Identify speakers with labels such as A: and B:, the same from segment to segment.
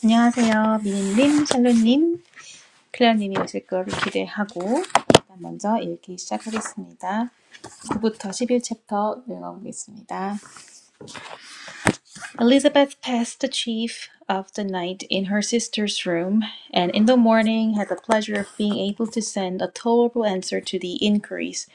A: 안녕하세요. 미니님, 샬롯님, 클레어님이 오실 거를 기대하고 일단 먼저 읽기 시작하겠습니다. 9부터 11챕터 읽어보겠습니다. Elizabeth passed the chief of the night in her sister's room and in the morning had the pleasure of being able to send a tolerable answer to the inquiries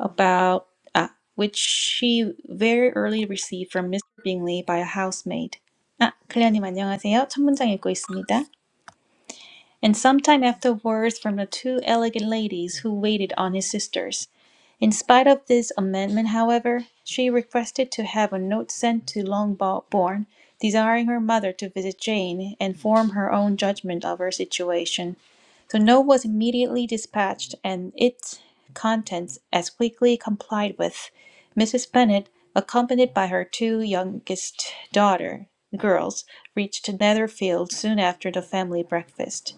A: about ah, which she very early received from Mr. Bingley by a housemaid. 아, 클레어님 안녕하세요. 첫 문장 읽고 있습니다. And some time after words from the two elegant ladies who waited on his sisters. In spite of this amendment, however, she requested to have a note sent to Longbourn, desiring her mother to visit Jane and form her own judgment of her situation. The note was immediately dispatched, and its contents as quickly complied with. Mrs. Bennet, accompanied by her two youngest daughter girls, reached Netherfield soon after the family breakfast.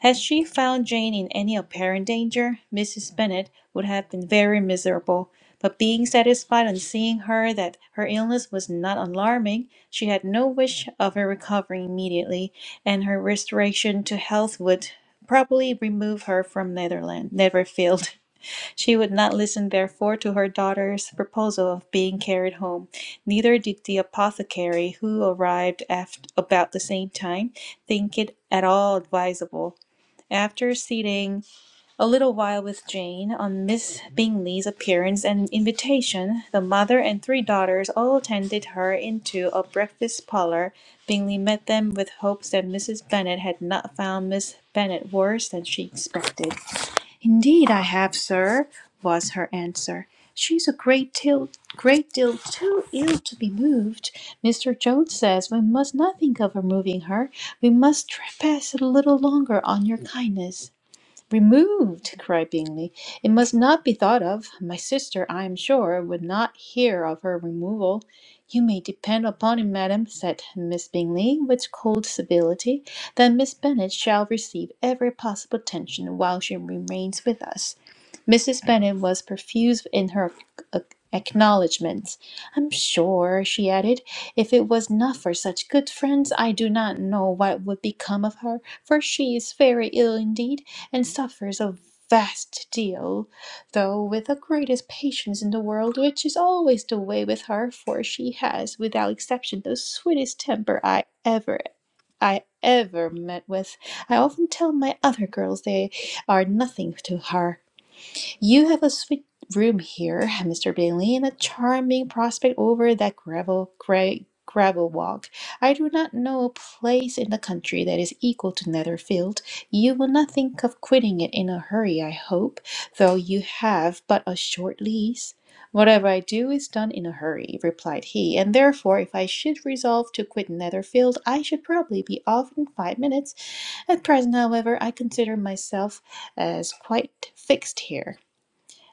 A: Had she found Jane in any apparent danger, Mrs. Bennet would have been very miserable; but being satisfied on seeing her that her illness was not alarming, she had no wish of her recovering immediately, and her restoration to health would probably remove her from Netherland, Netherfield. She would not listen therefore to her daughter's proposal of being carried home; neither did the apothecary, who arrived at about the same time, think it at all advisable. After sitting a little while with Jane on Miss Bingley's appearance and invitation, the mother and three daughters all attended her into a breakfast parlour. Bingley met them with hopes that Mrs. Bennet had not found Miss Bennet worse than she expected. "Indeed, I have, sir," was her answer. "She's a great deal, great deal too ill to be moved. Mr. Jones says we must not think of removing her. We must trespass a little longer on your kindness." Removed, cried Bingley. It must not be thought of. My sister, I am sure, would not hear of her removal. You may depend upon it, madam, said Miss Bingley, with cold civility, that Miss Bennet shall receive every possible attention while she remains with us. Mrs. Bennet was profuse in her ac- acknowledgments. I'm sure, she added, if it was not for such good friends, I do not know what would become of her, for she is very ill indeed and suffers a vast deal, though with the greatest patience in the world, which is always the way with her, for she has, without exception, the sweetest temper I ever I ever met with. I often tell my other girls they are nothing to her, you have a sweet room here, Mr. Bingley, and a charming prospect over that gravel gray gravel walk. I do not know a place in the country that is equal to Netherfield. You will not think of quitting it in a hurry, I hope, though you have but a short lease. Whatever I do is done in a hurry, replied he, and therefore if I should resolve to quit Netherfield, I should probably be off in five minutes. At present, however, I consider myself as quite fixed here.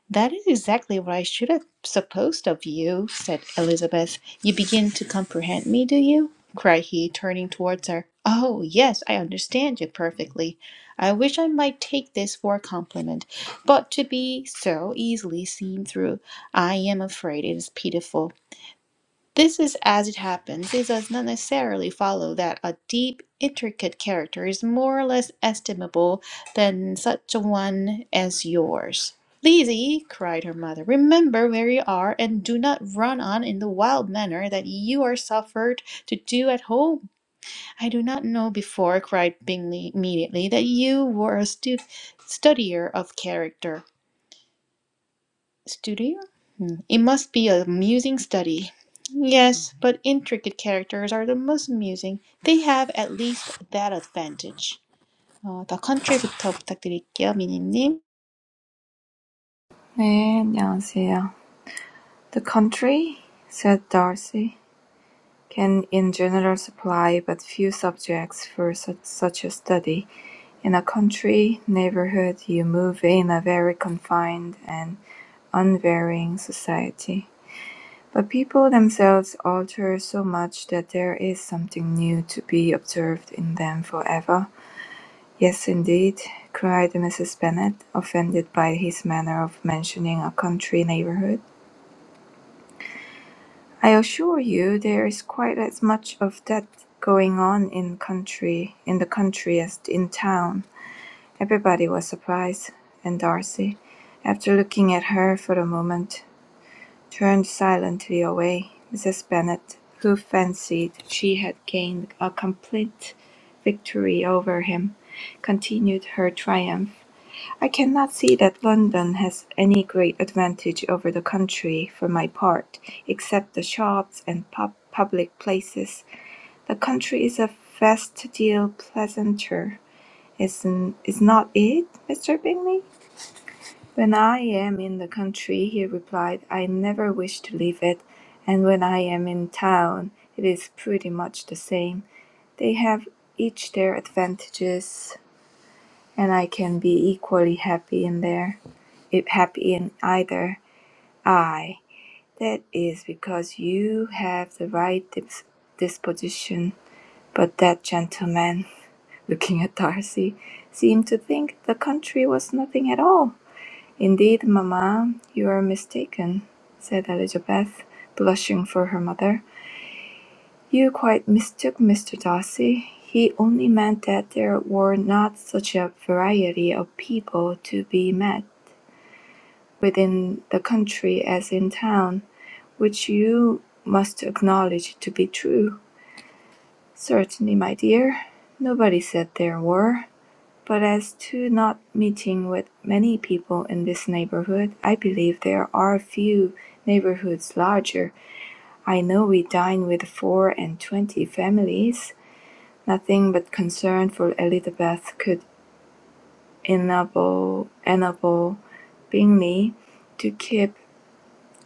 A: That is exactly what I should have supposed of you, said Elizabeth. You begin to comprehend me, do you? cried he, turning towards her. Oh, yes, I understand you perfectly. I wish I might take this for a compliment, but to be so easily seen through, I am afraid it is pitiful. This is as it happens. It does not necessarily follow that a deep, intricate character is more or less estimable than such a one as yours. Lizzie, cried her mother, remember where you are and do not run on in the wild manner that you are suffered to do at home. I do not know before, cried Bingley immediately, that you were a stu- studier of character. Studio? Hmm. It must be a amusing study. Yes, but intricate characters are the most amusing. They have at least that advantage. 어, 더 컨트리부터 부탁드릴게요, 미니님.
B: 네, 안녕하세요. The country, said Darcy, can in general supply but few subjects for such such a study. In a country neighborhood you move in a very confined and unvarying society. But people themselves alter so much that there is something new to be observed in them forever. Yes, indeed, cried Mrs. Bennet, offended by his manner of mentioning a country neighborhood. I assure you there is quite as much of that going on in country in the country as in town. Everybody was surprised, and Darcy, after looking at her for a moment, turned silently away. Mrs. Bennet, who fancied she had gained a complete victory over him, continued her triumph. I cannot see that London has any great advantage over the country, for my part, except the shops and pub public places. The country is a vast deal pleasanter, is not is not it, Mr. Bingley? When I am in the country, he replied, I never wish to leave it, and when I am in town, it is pretty much the same. They have each their advantages, and I can be equally happy in there, if happy in either. I. That is because you have the right dis- disposition. But that gentleman, looking at Darcy, seemed to think the country was nothing at all. Indeed, mamma, you are mistaken, said Elizabeth, blushing for her mother. You quite mistook Mr. Darcy. He only meant that there were not such a variety of people to be met. within the country as in town, which you must acknowledge to be true. Certainly, my dear, nobody said there were. But as to not meeting with many people in this neighborhood, I believe there are few neighborhoods larger. I know we dine with four and twenty families. Nothing but concern for Elizabeth could enable, enable Bingley to keep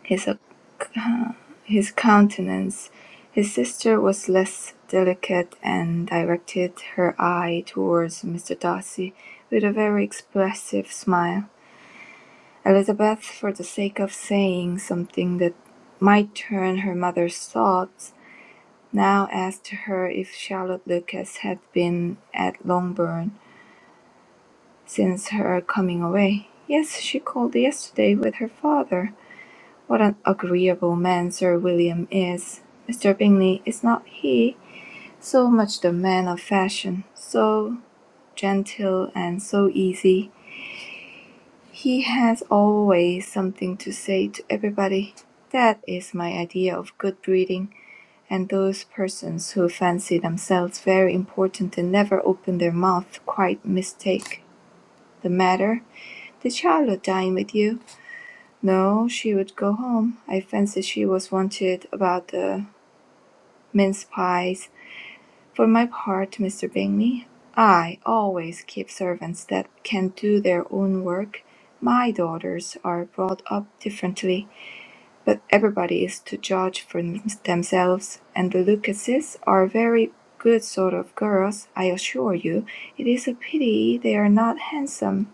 B: his, ac- his countenance. His sister was less delicate, and directed her eye towards Mr. Darcy with a very expressive smile. Elizabeth, for the sake of saying something that might turn her mother's thoughts, now asked her if Charlotte Lucas had been at Longbourn since her coming away. Yes, she called yesterday with her father. What an agreeable man Sir William is! Mr. Bingley, is not he so much the man of fashion, so gentle and so easy? He has always something to say to everybody. That is my idea of good breeding, and those persons who fancy themselves very important and never open their mouth quite mistake the matter. Did Charlotte dine with you? No, she would go home. I fancy she was wanted about the mince pies. For my part, Mr. Bingley, I always keep servants that can do their own work. My daughters are brought up differently, but everybody is to judge for themselves, and the Lucases are very good sort of girls, I assure you. It is a pity they are not handsome.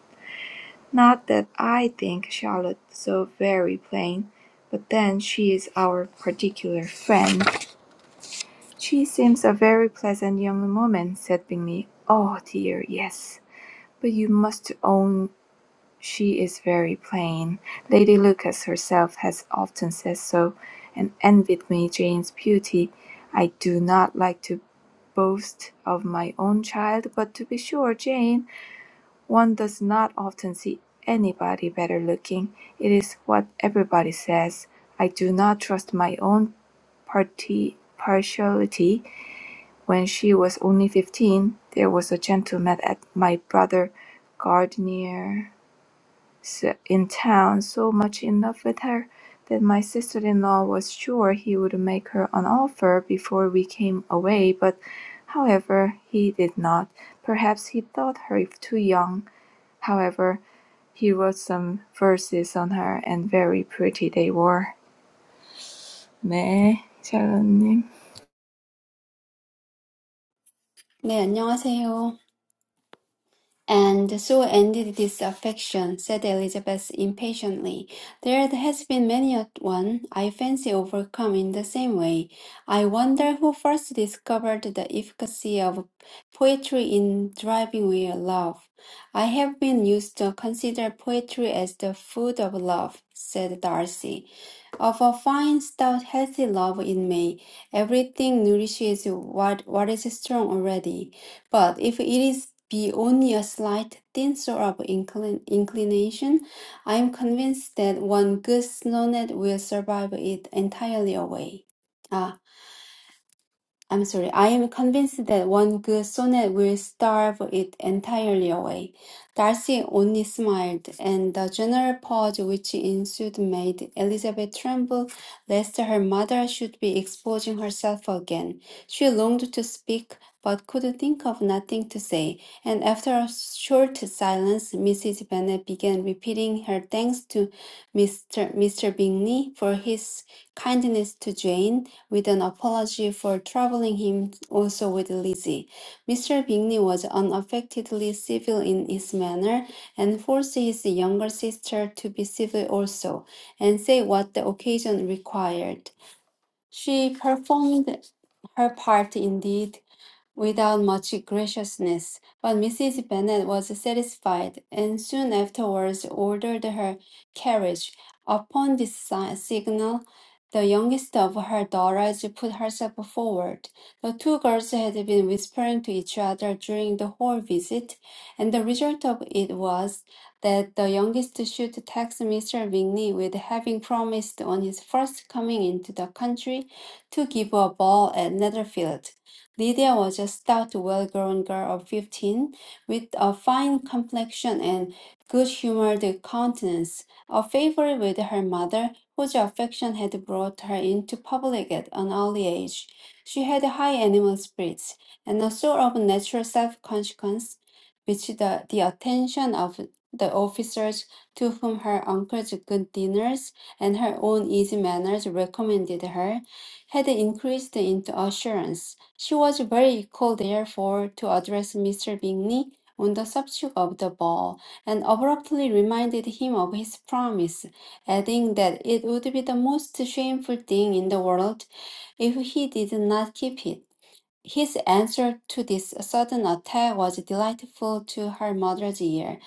B: Not that I think Charlotte so very plain, but then she is our particular friend. "She seems a very pleasant young woman," said Bingley. "Oh dear, yes; but you must own she is very plain. Lady Lucas herself has often said so, and envied me Jane's beauty. I do not like to boast of my own child, but to be sure, Jane, one does not often see anybody better looking. It is what everybody says. I do not trust my own parti partiality. When she was only fifteen, there was a gentleman at my brother Gardner's in town so much in love with her that my sister in law was sure he would make her an offer before we came away, but however he did not. Perhaps he thought her too young. However, he wrote some verses on her and very pretty they were. 네, 샬롯님.
C: 네, 안녕하세요. And so ended this affection, said Elizabeth impatiently. There has been many a one, I fancy, overcome in the same way. I wonder who first discovered the efficacy of poetry in driving away love. I have been used to consider poetry as the food of love, said Darcy. Of a fine, stout, healthy love in me, everything nourishes what, what is strong already. But if it is be only a slight, thin sort of inclin- inclination, I am convinced that one good snownet will survive it entirely away. Ah. I'm sorry, I am convinced that one good sonnet will starve it entirely away. Darcy only smiled, and the general pause which ensued made Elizabeth tremble lest her mother should be exposing herself again. She longed to speak, but could think of nothing to say, and after a short silence, Mrs. Bennet began repeating her thanks to Mr. Mr. Bingley for his kindness to Jane, with an apology for troubling him also with Lizzie. Mr. Bingley was unaffectedly civil in his manner, and forced his younger sister to be civil also, and say what the occasion required. She performed her part indeed, without much graciousness, but Mrs. Bennet was satisfied, and soon afterwards ordered her carriage. Upon this si- signal, the youngest of her daughters put herself forward. The two girls had been whispering to each other during the whole visit, and the result of it was that the youngest should tax Mr. Bingley with having promised on his first coming into the country to give a ball at Netherfield. Lydia was a stout, well grown girl of fifteen, with a fine complexion and good humored countenance, a favorite with her mother, whose affection had brought her into public at an early age. She had high animal spirits, and a sort of natural self consciousness which the, the attention of the officers to whom her uncle's good dinners and her own easy manners recommended her had increased into assurance. She was very equal, therefore, to address Mr. Bingley on the subject of the ball, and abruptly reminded him of his promise, adding that it would be the most shameful thing in the world if he did not keep it. His answer to this sudden attack was delightful to her mother's ear.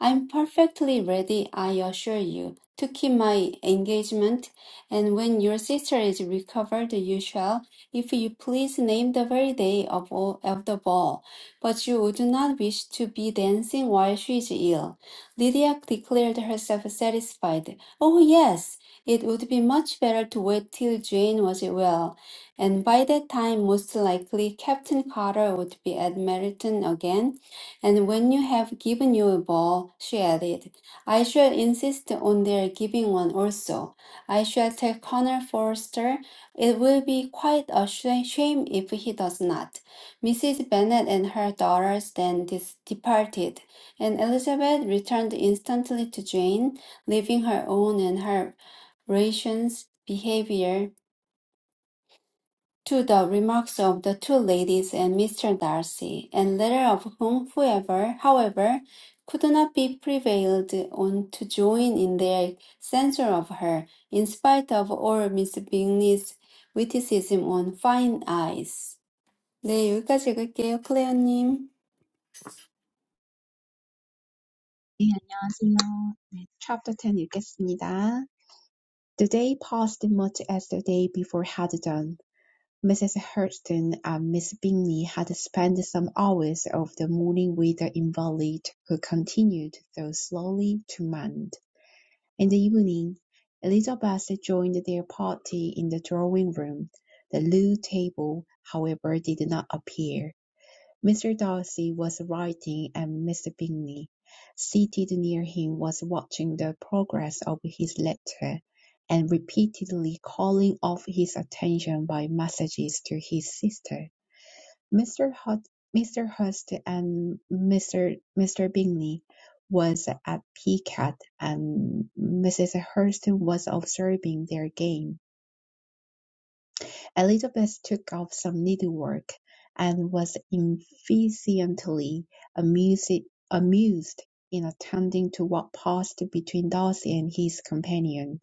C: I'm perfectly ready, I assure you, to keep my engagement, and when your sister is recovered, you shall, if you please, name the very day of, all, of the ball. But you would not wish to be dancing while she is ill. Lydia declared herself satisfied. Oh, yes, it would be much better to wait till Jane was well and by that time, most likely Captain Carter would be at Meryton again. And when you have given you a ball, she added, I shall insist on their giving one also. I shall tell Colonel Forster it will be quite a sh- shame if he does not. Mrs. Bennet and her daughters then dis- departed, and Elizabeth returned instantly to Jane, leaving her own and her rations behavior to the remarks of the two ladies and Mr. Darcy, and latter of whom, whoever, however, could not be prevailed on to join in their censure of her, in spite of all Miss Bingley's witticism on fine eyes. 네, 여기까지 읽을게요, 클레어님.
D: 네, 안녕하세요. 네, Chapter 10 읽겠습니다. The day passed much as the day before had done. Mrs. Hurston and Miss Bingley had spent some hours of the morning with the invalid, who continued, though slowly, to mend. In the evening, Elizabeth joined their party in the drawing room. The loo table, however, did not appear. Mr. Darcy was writing, and Mr. Bingley, seated near him, was watching the progress of his letter, and repeatedly calling off his attention by messages to his sister. Mr. Hut, Mr. Hurst and Mr. Mr. Bingley was at piquet, and Mrs. Hurst was observing their game. Elizabeth took up some needlework, and was efficiently amused, amused in attending to what passed between Darcy and his companion.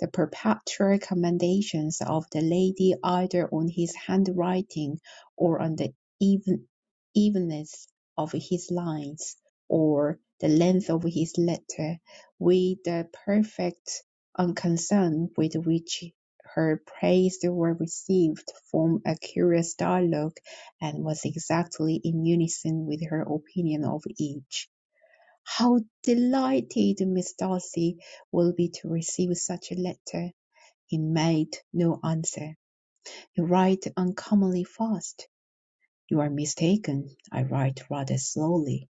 D: The perpetual commendations of the lady either on his handwriting or on the even, evenness of his lines, or the length of his letter, with the perfect unconcern with which her plays were received from a curious dialogue and was exactly in unison with her opinion of each. How delighted Miss Darcy will be to receive such a letter. He made no answer. You write uncommonly fast. You are mistaken. I write rather slowly.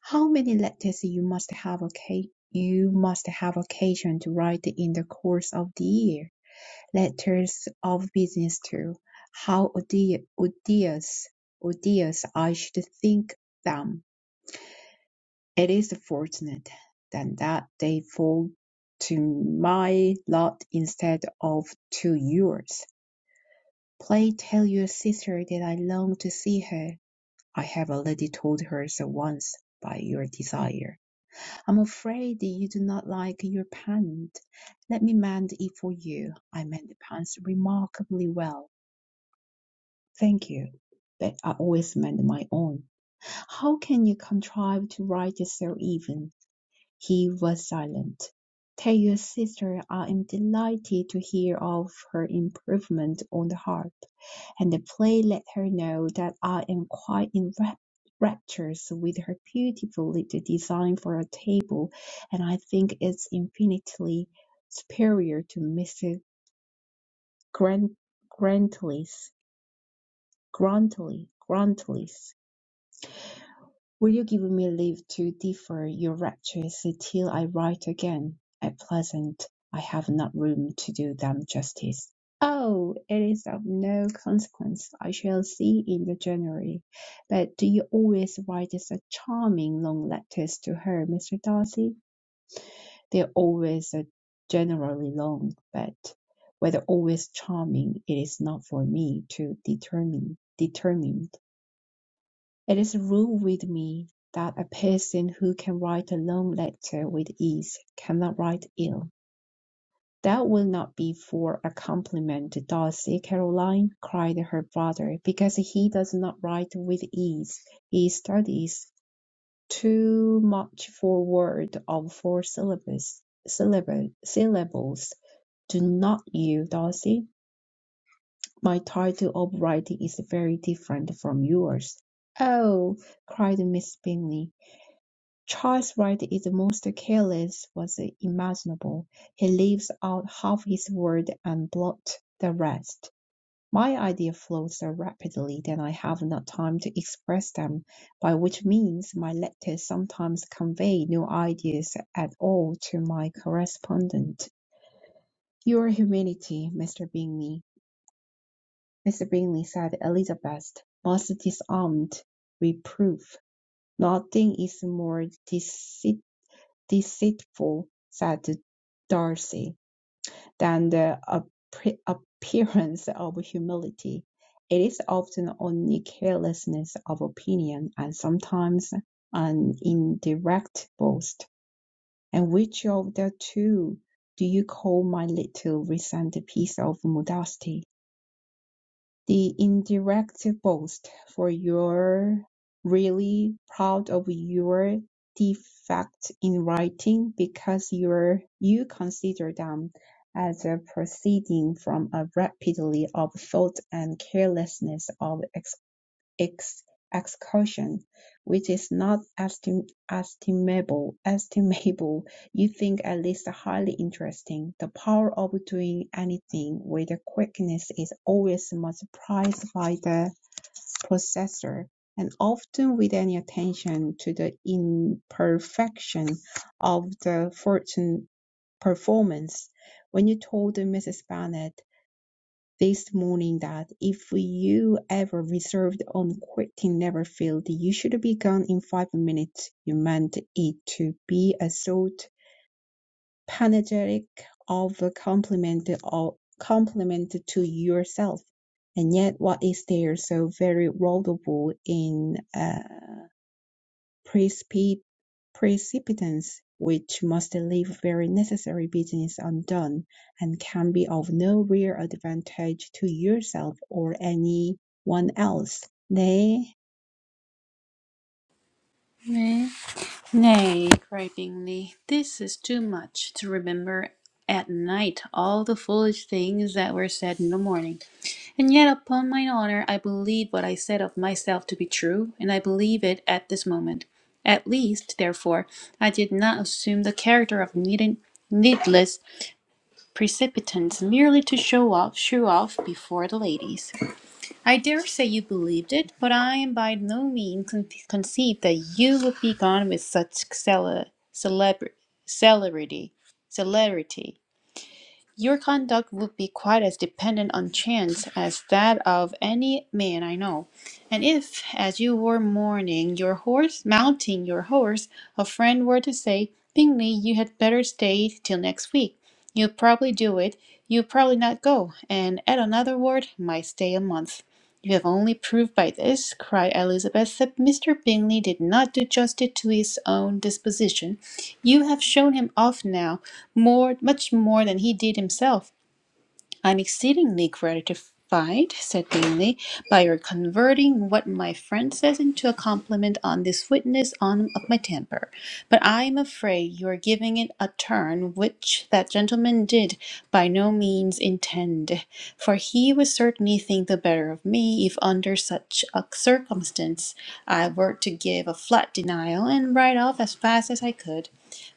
D: How many letters you must have occa- you must have occasion to write in the course of the year? letters of business too. How odious, odious I should think them. It is fortunate then that they fall to my lot instead of to yours. Pray tell your sister that I long to see her. I have already told her so once by your desire. I'm afraid you do not like your pant. Let me mend it for you. I mend the pants remarkably well Thank you. But I always meant my own. How can you contrive to write it so even? He was silent. Tell your sister I am delighted to hear of her improvement on the harp, and pray let her know that I am quite in rap- raptures with her beautiful little design for a table, and I think it's infinitely superior to Mr. Grant- Grantley's. Grantley, Grantley's. Will you give me leave to defer your raptures till I write again? At present I have not room to do them justice. Oh, it is of no consequence. I shall see in the January. But do you always write such charming long letters to her, Mr. Darcy? They are always uh, generally long, but whether always charming, it is not for me to determine. Determine. It is a rule with me that a person who can write a long letter with ease cannot write ill. That will not be for a compliment to Darcy, Caroline, cried her brother, because he does not write with ease. He studies too much for word of four syllables. Syllable, syllables. Do not you, Darcy? My title of writing is very different from yours. Oh, cried Miss Bingley. Charles Wright is the most careless was imaginable; he leaves out half his word and blots the rest. My ideas flow so rapidly that I have not time to express them, by which means my letters sometimes convey no ideas at all to my correspondent. "Your humility, Mr. Bingley," Mr. Bingley said Elizabeth, "must disarm reproof. Nothing is more deceit. deceitful, said Darcy, than the appre- appearance of humility. It is often only carelessness of opinion and sometimes an indirect boast. And which of the two do you call my little recent piece of modesty? the indirect boast for you're really proud of your defect in writing because you're you consider them as a proceeding from a rapidity of thought and carelessness of ex- excursion, which is not estim- estimable, estimable, you think at least highly interesting. The power of doing anything with a quickness is always multiplied by the processor, and often with any attention to the imperfection of the fortune performance. When you told Mrs. Bennet this morning that if you ever reserved on quitting never failed you should be gone in five minutes. You meant it to be a sort panegyric of a compliment or compliment to yourself. And yet, what is there so very laudable in? uh precipi- precipitants which must leave very necessary business undone, and can be of no real advantage to yourself or any one else. Nay,
A: 네. Nay, gripingly, this is too much to remember at night all the foolish things that were said in the morning. And yet, upon mine honour, I believe what I said of myself to be true, and I believe it at this moment. At least, therefore, I did not assume the character of needed, needless precipitance merely to show off, show off before the ladies. I dare say you believed it, but I am by no means con- conceived that you would be gone with such celer- celebrity. celerity. celerity. Your conduct would be quite as dependent on chance as that of any man I know. And if, as you were mourning your horse, mounting your horse, a friend were to say, Bingley, you had better stay till next week. you would probably do it. you would probably not go, and at another word, might stay a month. You have only proved by this, cried Elizabeth, that Mr. Bingley did not do justice to his own disposition. You have shown him off now, more, much more than he did himself. I'm exceedingly gratified, said Bingley, by your converting what my friend says into a compliment on this witness on of my temper. But I am afraid you are giving it a turn which that gentleman did by no means intend, for he would certainly think the better of me if under such a circumstance I were to give a flat denial and ride off as fast as I could.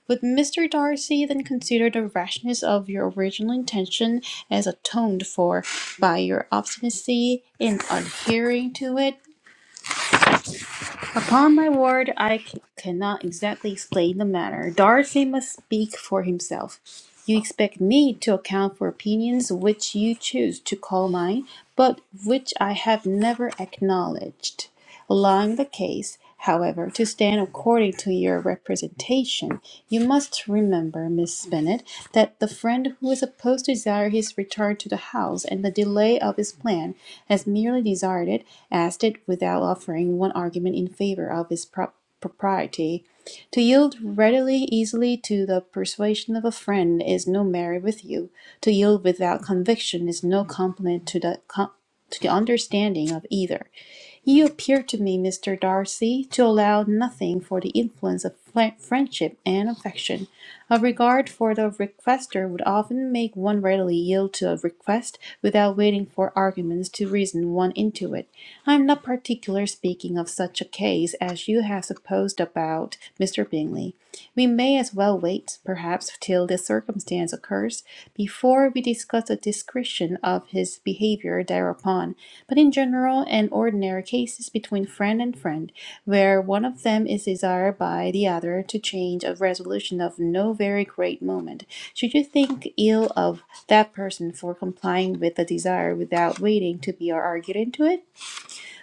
A: Would Mr. Darcy then consider the rashness of your original intention as atoned for by your obstinacy in adhering to it? Upon my word, I c- cannot exactly explain the matter. Darcy must speak for himself. You expect me to account for opinions which you choose to call mine, but which I have never acknowledged. Allowing the case, however, to stand according to your representation, you must remember, Miss Bennet, that the friend who is supposed to desire his return to the house and the delay of his plan has merely desired it, asked it without offering one argument in favor of his prop- propriety. To yield readily, easily to the persuasion of a friend is no merit with you. To yield without conviction is no compliment to the com- to the understanding of either. You appear to me, Mr. Darcy, to allow nothing for the influence of fri- friendship and affection. A regard for the requester would often make one readily yield to a request without waiting for arguments to reason one into it. I am not particular speaking of such a case as you have supposed about Mr. Bingley. We may as well wait, perhaps, till this circumstance occurs, before we discuss the discretion of his behavior thereupon but in general and ordinary cases between friend and friend, where one of them is desired by the other to change a resolution of no very great moment. Should you think ill of that person for complying with the desire without waiting to be argued into it?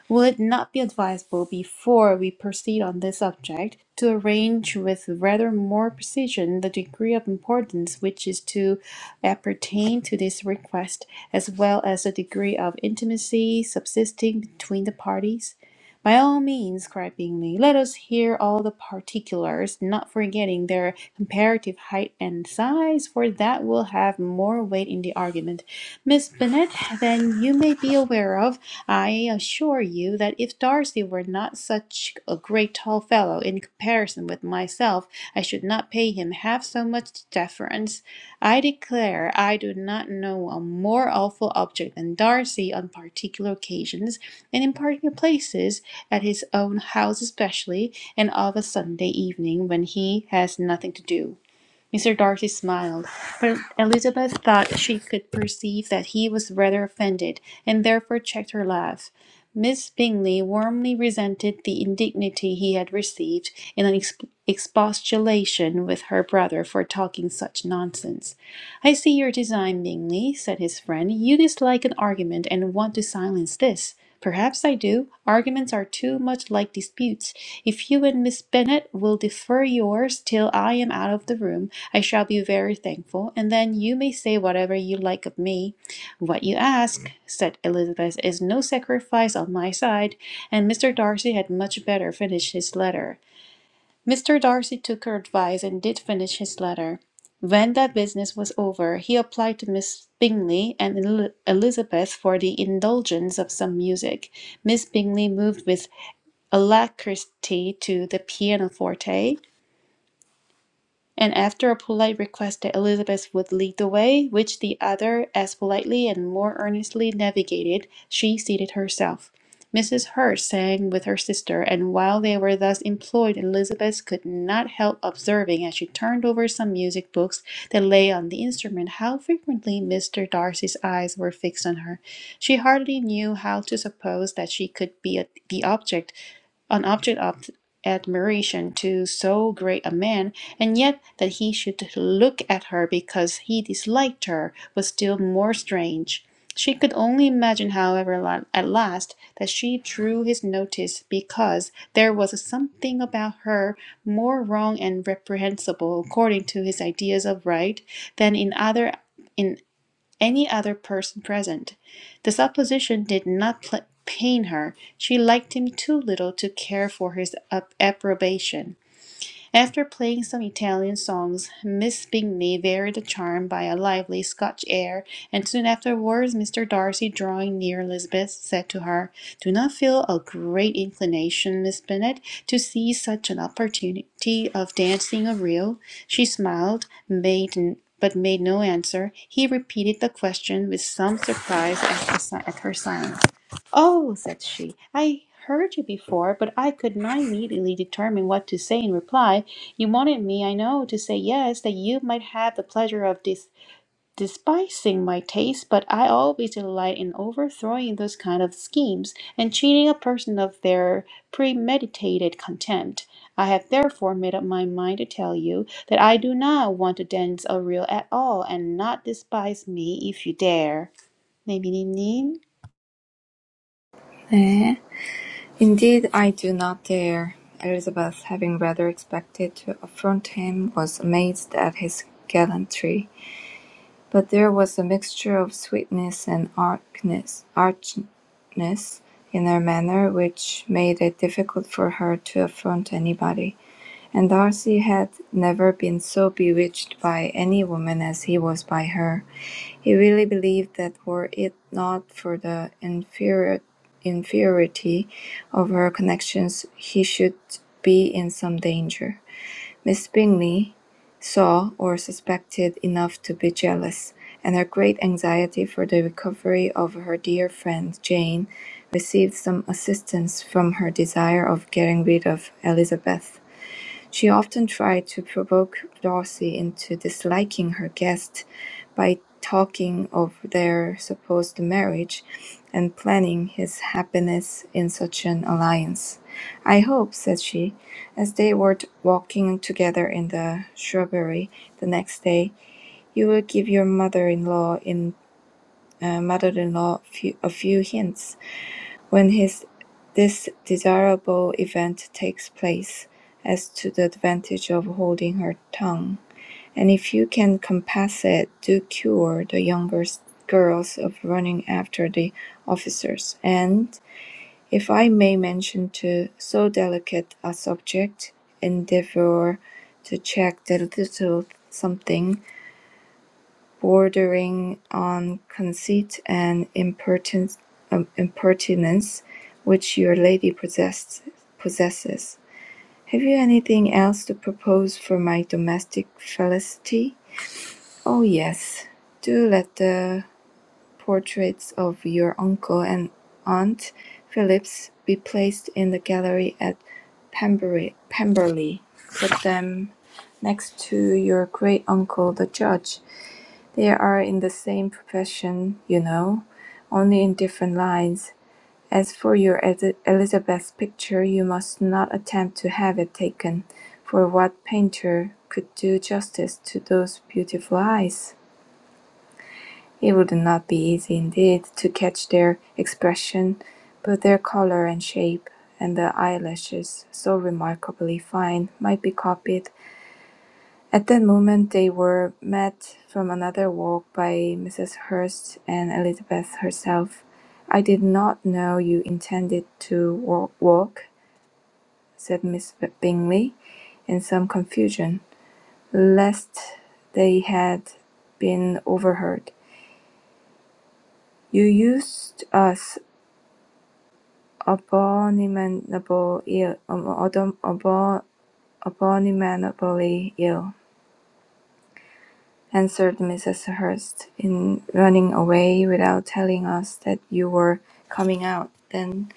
A: Will it not be advisable, before we proceed on this subject, to arrange with rather more precision the degree of importance which is to appertain to this request, as well as the degree of intimacy subsisting between the parties? By all means, cried Bingley, let us hear all the particulars, not forgetting their comparative height and size, for that will have more weight in the argument. Miss Bennet, then you may be aware of, I assure you, that if Darcy were not such a great tall fellow in comparison with myself, I should not pay him half so much deference. I declare I do not know a more awful object than Darcy on particular occasions, and in particular places, at his own house especially, and of a Sunday evening when he has nothing to do. Mr. Darcy smiled, but Elizabeth thought she could perceive that he was rather offended, and therefore checked her laugh. Miss Bingley warmly resented the indignity he had received in an exp- expostulation with her brother for talking such nonsense. I see your design, Bingley, said his friend. You dislike an argument and want to silence this. Perhaps I do. Arguments are too much like disputes. If you and Miss Bennet will defer yours till I am out of the room, I shall be very thankful, and then you may say whatever you like of me. What you ask, said Elizabeth, is no sacrifice on my side, and Mr. Darcy had much better finish his letter. Mr. Darcy took her advice and did finish his letter. When that business was over, he applied to Miss Bingley and El- Elizabeth for the indulgence of some music. Miss Bingley moved with alacrity to the pianoforte, and after a polite request that Elizabeth would lead the way, which the other as politely and more earnestly navigated, she seated herself. Mrs. Hurst sang with her sister, and while they were thus employed, Elizabeth could not help observing, as she turned over some music books that lay on the instrument, how frequently Mr. Darcy's eyes were fixed on her. She hardly knew how to suppose that she could be a, the object an object of admiration to so great a man, and yet that he should look at her because he disliked her was still more strange. She could only imagine, however, at last, that she drew his notice because there was something about her more wrong and reprehensible, according to his ideas of right, than in other. in any other person present. The supposition did not pl- pain her. She liked him too little to care for his ap- approbation. After playing some Italian songs, Miss Bingley varied the charm by a lively Scotch air, and soon afterwards Mr. Darcy, drawing near Elizabeth, said to her, "Do not feel a great inclination, Miss Bennet, to seize such an opportunity of dancing a reel?" She smiled, made n- but made no answer. He repeated the question with some surprise at, the, si- at her silence. Oh, said she, I heard you before, but I could not immediately determine what to say in reply. You wanted me, I know, to say yes, that you might have the pleasure of dis despising my taste, but I always delight in overthrowing those kind of schemes and cheating a person of their premeditated contempt. I have therefore made up my mind to tell you that I do not want to dance a reel at all, and not despise me if you dare. 네, 미니님.
B: "Indeed I do not dare." Elizabeth, having rather expected to affront him, was amazed at his gallantry. But there was a mixture of sweetness and archness, archness in her manner which made it difficult for her to affront anybody. And Darcy had never been so bewitched by any woman as he was by her. He really believed that were it not for the inferior, inferiority of her connections, he should be in some danger. Miss Bingley saw, or suspected enough to be jealous, and her great anxiety for the recovery of her dear friend Jane received some assistance from her desire of getting rid of Elizabeth. She often tried to provoke Darcy into disliking her guest by talking of their supposed marriage and planning his happiness in such an alliance. I hope, said she, as they were t- walking together in the shrubbery the next day, you will give your mother-in-law in uh, mother-in-law few, a few hints when his this desirable event takes place, as to the advantage of holding her tongue; and if you can compass it, do cure the younger girls of running after the officers; and, if I may mention to so delicate a subject, endeavour to check the little something bordering on conceit and impertinence, um, impertinence which your lady possess, possesses. Have you anything else to propose for my domestic felicity? Oh, yes. Do let the portraits of your uncle and aunt Phillips be placed in the gallery at Pemberley. Pemberley. Put them next to your great uncle, the judge. They are in the same profession, you know, only in different lines. As for your Ed- Elizabeth's picture, you must not attempt to have it taken, for what painter could do justice to those beautiful eyes? It would not be easy indeed to catch their expression, but their color and shape, and the eyelashes, so remarkably fine, might be copied. At that moment they were met from another walk by Mrs. Hurst and Elizabeth herself. I did not know you intended to wa- walk, said Miss Bingley, in some confusion, lest they had been overheard. You used us abominable ill, "Abominably ill," answered Mrs. Hurst, "in running away without telling us that you were coming out." Then,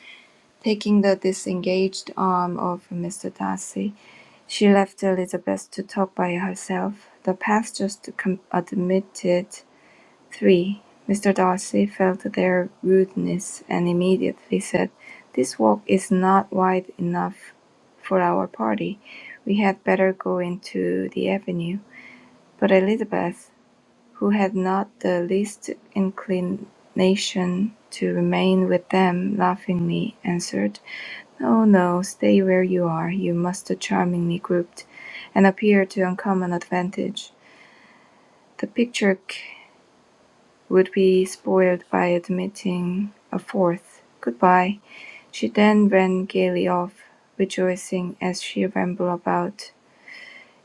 B: taking the disengaged arm of Mr. Darcy, she left Elizabeth to talk by herself. The path just com- admitted Three, Mr. Darcy felt their rudeness, and immediately said, "This walk is not wide enough for our party. We had better go into the avenue." But Elizabeth, who had not the least inclination to remain with them, laughingly answered, "No, no, stay where you are. You must charmingly grouped, and appear to uncommon advantage. The picture would be spoiled by admitting a 4th Goodbye. She then ran gaily off, rejoicing as she rambled about.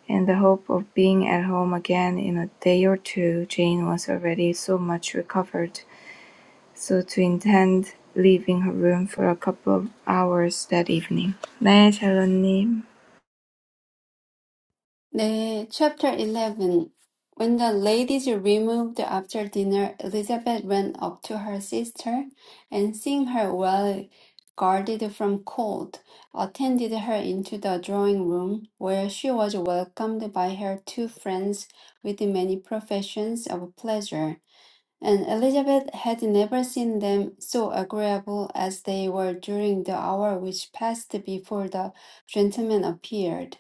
B: In the hope of being at home again in a day or two, Jane was already so much recovered, so to intend leaving her room for a couple of hours that evening. 네, 샬롯님.
C: 네, chapter 11. When the ladies removed after dinner, Elizabeth ran up to her sister, and seeing her well guarded from cold, attended her into the drawing room, where she was welcomed by her two friends with many professions of pleasure and Elizabeth had never seen them so agreeable as they were during the hour which passed before the gentlemen appeared.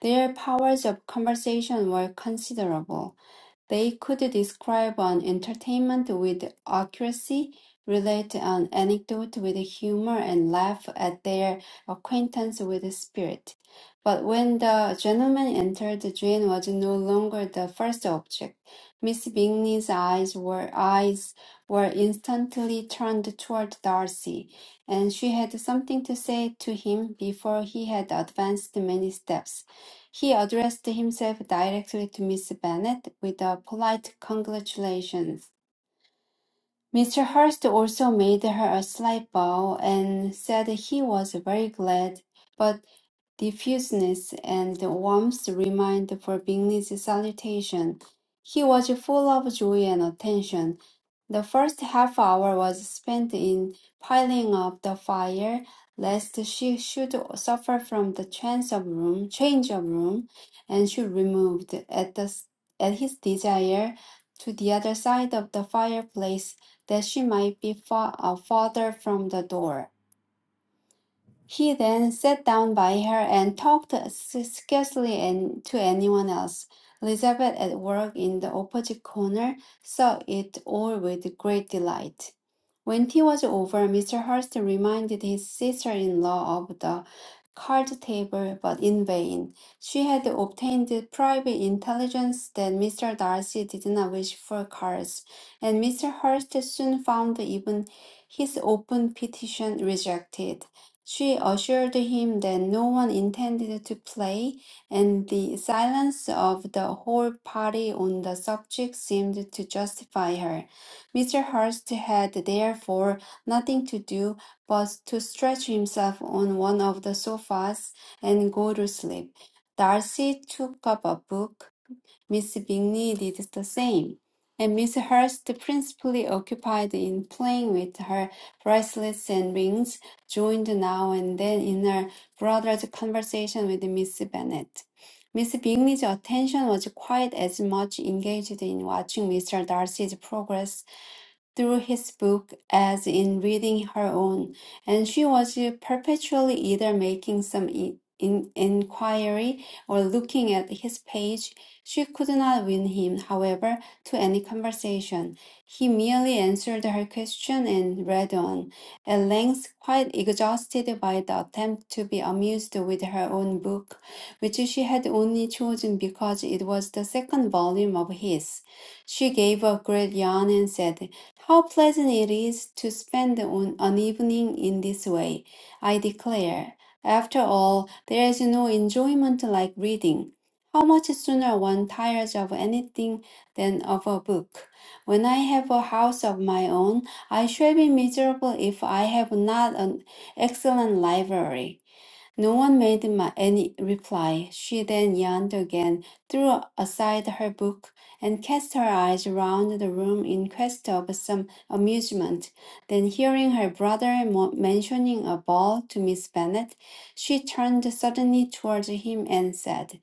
C: Their powers of conversation were considerable. They could describe an entertainment with accuracy, relate an anecdote with humor, and laugh at their acquaintance with spirit. But when the gentleman entered, Jane was no longer the first object. Miss Bingley's eyes were eyes were instantly turned toward Darcy and she had something to say to him before he had advanced many steps. He addressed himself directly to Miss Bennet with a polite congratulations. Mr. Hurst also made her a slight bow and said he was very glad, but diffuseness and warmth remained for Bingley's salutation. He was full of joy and attention, the first half hour was spent in piling up the fire, lest she should suffer from the change of room, change of room, and she removed at the at his desire to the other side of the fireplace, that she might be far, uh, farther from the door. He then sat down by her and talked scarcely an- to anyone else. Elizabeth, at work in the opposite corner, saw it all with great delight. When tea was over, Mr. Hurst reminded his sister-in-law of the card table, but in vain. She had obtained private intelligence that Mr. Darcy did not wish for cards, and Mr. Hurst soon found even his open petition rejected. She assured him that no one intended to play, and the silence of the whole party on the subject seemed to justify her. Mr. Hurst had therefore nothing to do but to stretch himself on one of the sofas and go to sleep. Darcy took up a book Miss Bingley did the same, and Miss Hurst, principally occupied in playing with her bracelets and rings, joined now and then in her brother's conversation with Miss Bennet. Miss Bingley's attention was quite as much engaged in watching Mr. Darcy's progress through his book as in reading her own, and she was perpetually either making some in, in, inquiry or looking at his page. She could not win him, however, to any conversation. He merely answered her question and read on, at length quite exhausted by the attempt to be amused with her own book, which she had only chosen because it was the second volume of his. She gave a great yawn and said, how pleasant it is to spend an an evening in this way, I declare. After all, there is no enjoyment like reading. How much sooner one tires of anything than of a book. When I have a house of my own, I shall be miserable if I have not an excellent library. No one made my, any reply. She then yawned again, threw aside her book, and cast her eyes round the room in quest of some amusement. Then, hearing her brother mo- mentioning a ball to Miss Bennet, she turned suddenly towards him and said,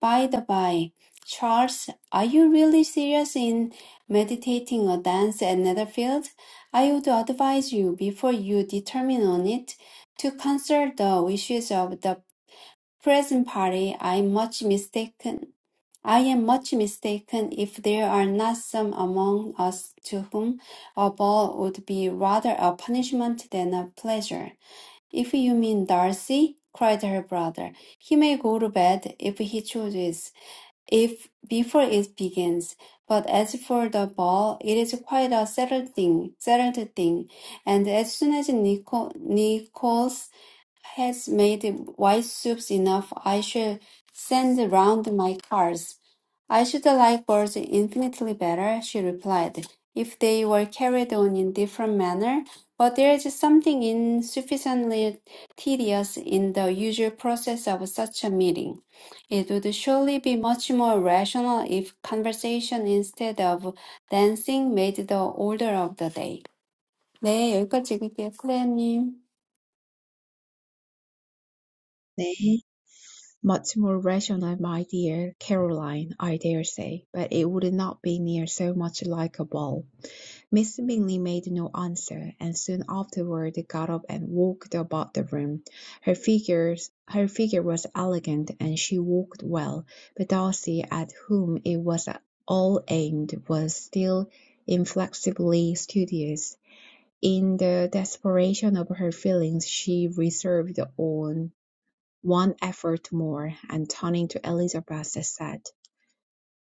C: "By the by, Charles, are you really serious in meditating a dance at Netherfield? I would advise you, before you determine on it, to cancel the wishes of the present party, I am much mistaken. I am much mistaken if there are not some among us to whom a ball would be rather a punishment than a pleasure. If you mean Darcy, cried her brother, he may go to bed if he chooses, if before it begins. But as for the ball, it is quite a settled thing, settled thing. And as soon as Nicol has made white soups enough. I should send round my cards. I should like birds infinitely better, she replied, if they were carried on in different manner, but there is something insufficiently tedious in the usual process of such a meeting. It would surely be much more rational if conversation instead of dancing made the order of the day. 네, 여기까지 읽을게요, 클레어님.
D: nay, Much more rational, my dear Caroline, I dare say, but it would not be near so much like a ball. Mr. Bingley made no answer, and soon afterward got up and walked about the room. Her figures, her figure was elegant, and she walked well; but Darcy, at whom it was all aimed, was still inflexibly studious. In the desperation of her feelings she reserved on one effort more, and turning to Elizabeth, said.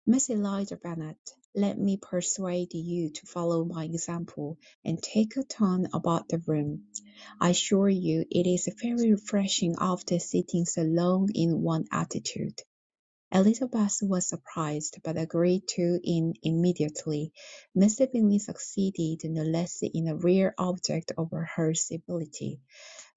D: Miss Eliza Bennet, let me persuade you to follow my example, and take a turn about the room. I assure you it is very refreshing after sitting so long in one attitude." Elizabeth was surprised, but agreed to it immediately. Mr. Bingley succeeded no less in a rare object of her civility.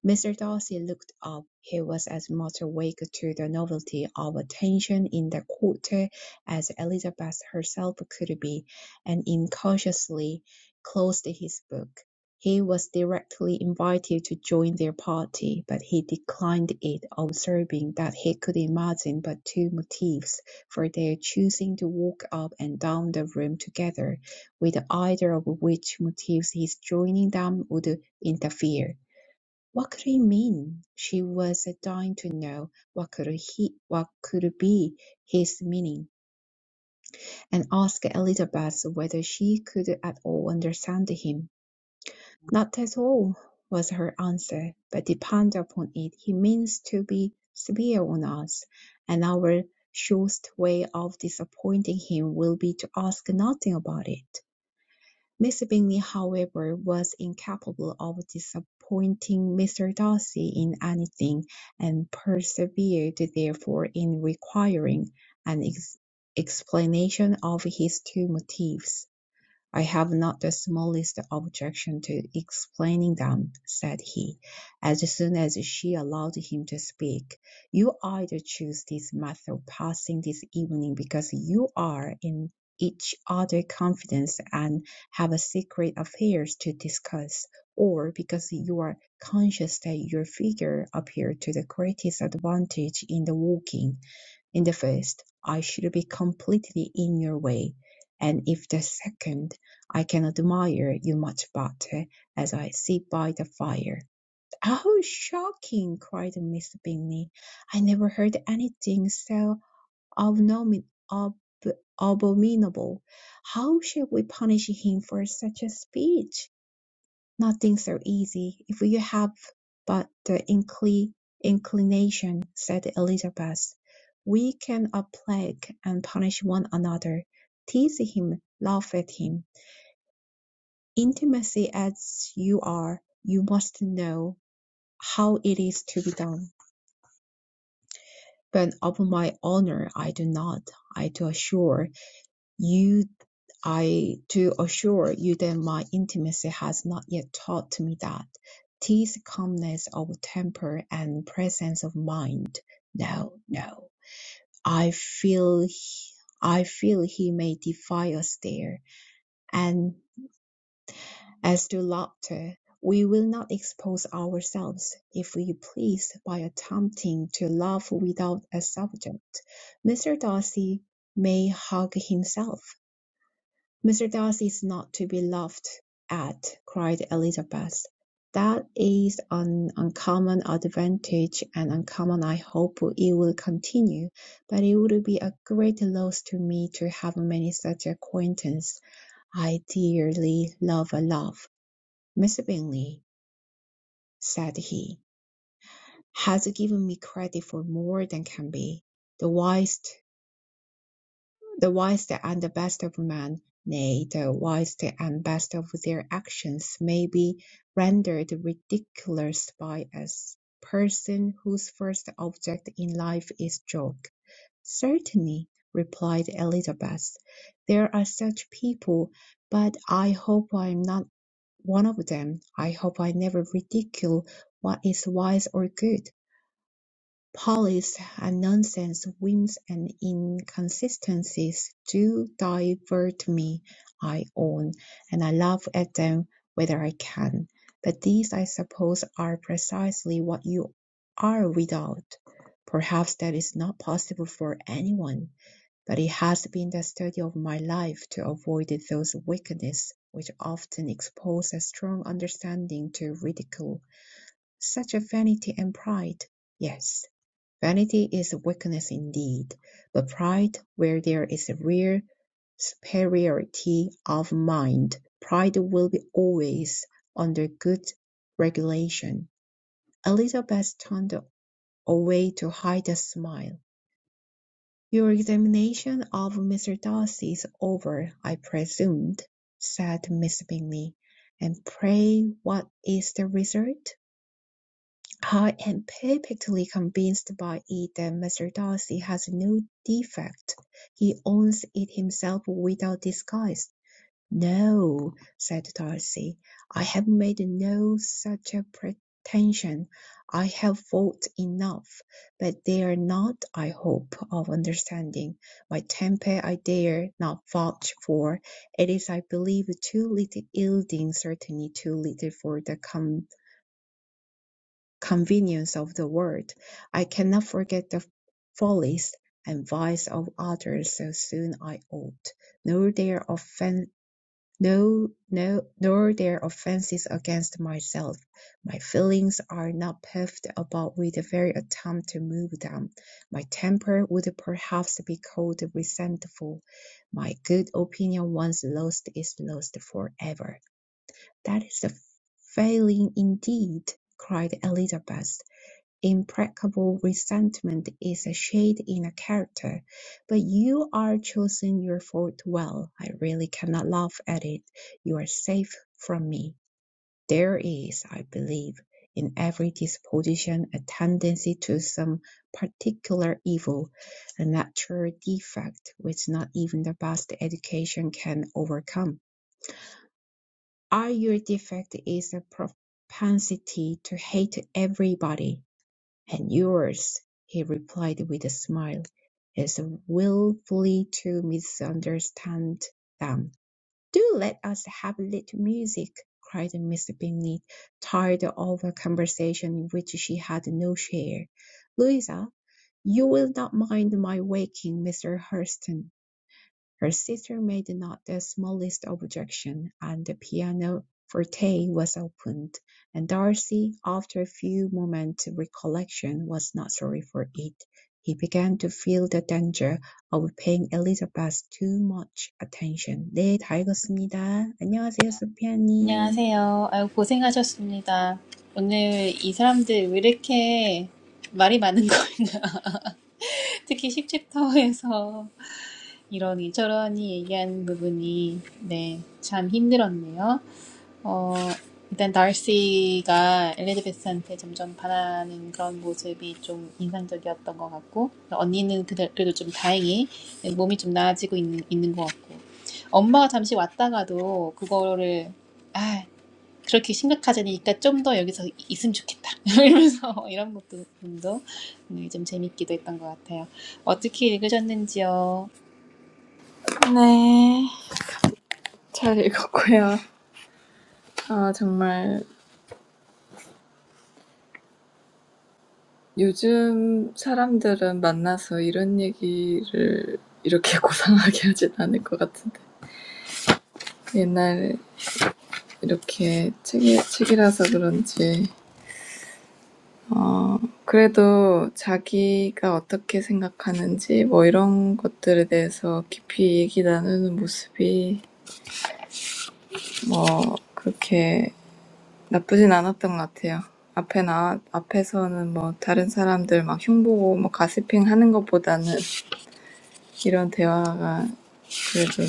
D: Mr. Darcy looked up. He was as much awake to the novelty of attention in that quarter as Elizabeth herself could be, and incautiously closed his book. He was directly invited to join their party, but he declined it, observing that he could imagine but two motives for their choosing to walk up and down the room together, with either of which motives his joining them would interfere. What could it mean? She was dying to know what could he, what could be his meaning, and asked Elizabeth whether she could at all understand him. Not at all, was her answer, but depend upon it he means to be severe on us, and our surest way of disappointing him will be to ask nothing about it. Mr. Bingley, however, was incapable of disappointing Mr. Darcy in anything, and persevered therefore in requiring an ex- explanation of his two motives. "I have not the smallest objection to explaining them," said he, as soon as she allowed him to speak. "You either choose this method of passing this evening because you are in each other's confidence and have secret affairs to discuss, or because you are conscious that your figure appeared to the greatest advantage in the walking. In the first, I should be completely in your way, and if the second, I can admire you much better as I sit by the fire. Oh, shocking! cried Miss Bingley. I never heard anything so abomin- ab- abominable. How shall we punish him for such a speech? Nothing so easy, if you have but the incli- inclination, said Elizabeth. We can plague and punish one another, tease him, laugh at him. Intimacy as you are, you must know how it is to be done. But of my honour I do not, I do assure You, I do assure you that my intimacy has not yet taught me that. 'Tis calmness of temper and presence of mind. No, no. I feel, he- I feel he may defy us there. And as to laughter, we will not expose ourselves, if we please, by attempting to laugh without a subject. Mr. Darcy may hug himself. "Mr. Darcy is not to be laughed at," cried Elizabeth. "That is an uncommon advantage, and uncommon I hope it will continue; but it would be a great loss to me to have many such acquaintances. I dearly love a laugh. Miss Bingley," said he, "has given me credit for more than can be. The wisest the wisest and the best of men, nay, the wisest and best of their actions, may be rendered ridiculous by a person whose first object in life is joke. Certainly, replied Elizabeth, there are such people, but I hope I am not one of them. I hope I never ridicule what is wise or good. Polls and nonsense, whims and inconsistencies do divert me, I own, and I laugh at them whether I can. But these, I suppose, are precisely what you are without. Perhaps that is not possible for anyone, but it has been the study of my life to avoid those weaknesses which often expose a strong understanding to ridicule, such as vanity and pride. Yes Vanity is weakness indeed, but pride, where there is a real superiority of mind, pride will be always under good regulation. Elizabeth turned away to hide a smile. Your examination of Mr. Darcy is over, I presume, said Miss Bingley; and pray what is the result? I am perfectly convinced by it that Mr. Darcy has no defect. He owns it himself without disguise. No, said Darcy, I have made no such a pretension. I have fought enough, but they are not, I hope, of understanding. My temper I dare not vouch for. It is, I believe, too little yielding, certainly too little for the com convenience of the world. I cannot forget the follies and vice of others so soon I ought, nor their offen no, no, nor their offences against myself. My feelings are not puffed about with the very attempt to move them. My temper would perhaps be called resentful. My good opinion once lost is lost forever. That is a failing indeed, cried Elizabeth. Implacable resentment is a shade in a character, but you are choosing your fault well. I really cannot laugh at it. You are safe from me. There is, I believe, in every disposition a tendency to some particular evil, a natural defect which not even the best education can overcome. All your defect is a propensity to hate everybody "And yours," he replied with a smile, "is wilfully to misunderstand them." "Do let us have a little music," cried Miss Bingley, tired of a conversation in which she had no share. "Louisa, you will not mind my waking Mr. Hurston. Her sister made not the smallest objection, and the pianoforte was opened, and Darcy, after a few moments' recollection, was not sorry for it. He began to feel the danger of paying Elizabeth too much attention. 네, 다 읽었습니다. 안녕하세요, 소피아님.
A: 안녕하세요. 아유, 고생하셨습니다. 오늘 이 사람들 왜 이렇게 말이 많은 거냐. 특히 10챕터에서 이러니 저러니 얘기하는 부분이, 네, 참 힘들었네요. 어, 일단 달시가 엘리자베스한테 점점 반하는 그런 모습이 좀 인상적이었던 것 같고, 언니는 그 그래도 좀 다행히 몸이 좀 나아지고 있는, 있는 것 같고, 엄마가 잠시 왔다가도 그거를 아 그렇게 심각하자니까 좀 더 여기서 있으면 좋겠다 이러면서 이런 것도 분도 좀 재밌기도 했던 것 같아요. 어떻게 읽으셨는지요?
B: 네. 잘 읽었고요. 아, 정말 요즘 사람들은 만나서 이런 얘기를 이렇게 고상하게 하진 않을 것 같은데 옛날에 이렇게 책이, 책이라서 그런지 어, 그래도 자기가 어떻게 생각하는지 뭐 이런 것들에 대해서 깊이 얘기 나누는 모습이 뭐 그렇게 나쁘진 않았던 것 같아요. 앞에 나 앞에서는 뭐 다른 사람들 막 흉보고 뭐 가시핑 하는 것보다는 이런 대화가 그래도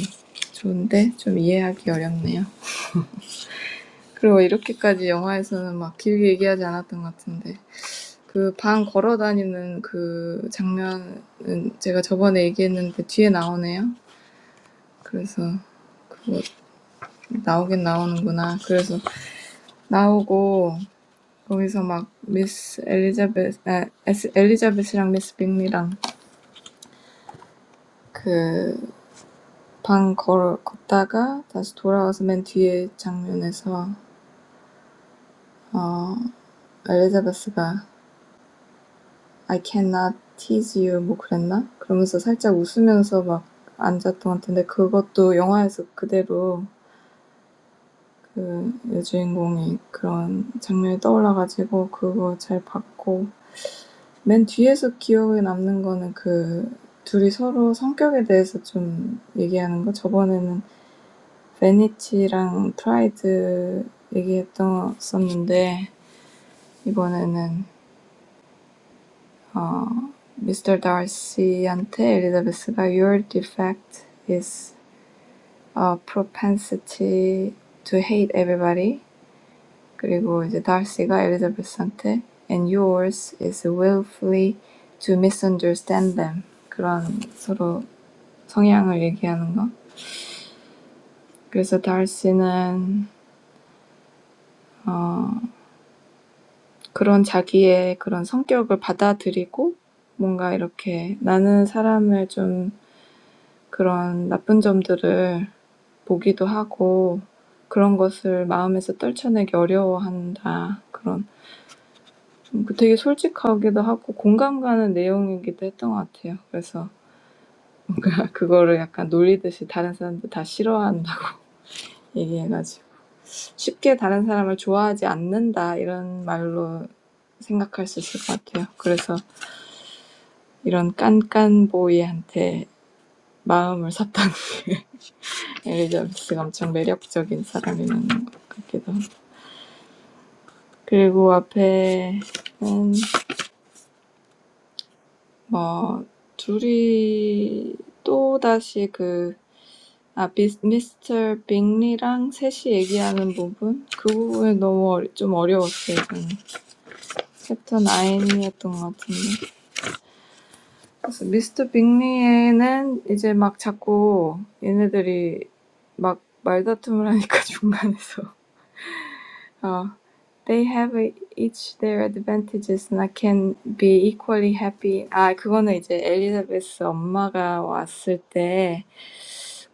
B: 좋은데 좀 이해하기 어렵네요. 그리고 이렇게까지 영화에서는 막 길게 얘기하지 않았던 것 같은데 그 방 걸어 다니는 그 장면은 제가 저번에 얘기했는데 뒤에 나오네요. 그래서 그거 나오긴 나오는구나. 그래서 나오고 거기서 막 미스 엘리자베스, 아, 에스, 엘리자베스랑 미스 빅리랑 그방 걸 걷다가 다시 돌아와서 맨 뒤에 장면에서 어 엘리자베스가 I cannot tease you 뭐 그랬나? 그러면서 살짝 웃으면서 막 앉았던 것 같은데 그것도 영화에서 그대로 그 여주인공이 그런 장면이 떠올라가지고 그거 잘 봤고 맨 뒤에서 기억에 남는 거는 그 둘이 서로 성격에 대해서 좀 얘기하는 거 저번에는 베니티랑 프라이드 얘기했었는데 이번에는 Mr. Darcy Darcy한테 엘리자베스가 Your defect is a propensity to hate everybody. 그리고 이제 Darcy가 엘리자베스한테 And yours is willfully to misunderstand them. 그런 서로 성향을 얘기하는 거. 그래서 Darcy는 어, 그런 자기의 그런 성격을 받아들이고 뭔가 이렇게 나는 사람을 좀 그런 나쁜 점들을 보기도 하고 그런 것을 마음에서 떨쳐내기 어려워한다. 그런 좀 되게 솔직하기도 하고 공감 가는 내용이기도 했던 것 같아요. 그래서 그거를 약간 놀리듯이 다른 사람들 다 싫어한다고 얘기해가지고 쉽게 다른 사람을 좋아하지 않는다 이런 말로 생각할 수 있을 것 같아요. 그래서 이런 깐깐보이한테 마음을 샀던 엘리자베스가 엄청 매력적인 사람이라는 것 같기도 하고 그리고 앞에는 뭐 둘이 또다시 그, 아, 미스, 미스터 빅리랑 셋이 얘기하는 부분? 그 부분이 너무 어리, 좀 어려웠어요, 저는. 챕터 9이었던 것 같은데. 그래서 미스터 빅리에는 이제 막 자꾸 얘네들이 막 말다툼을 하니까 중간에서 Uh, They have each their advantages, and I can be equally happy. Ah, 그거는 이제 Elizabeth 엄마가 왔을 때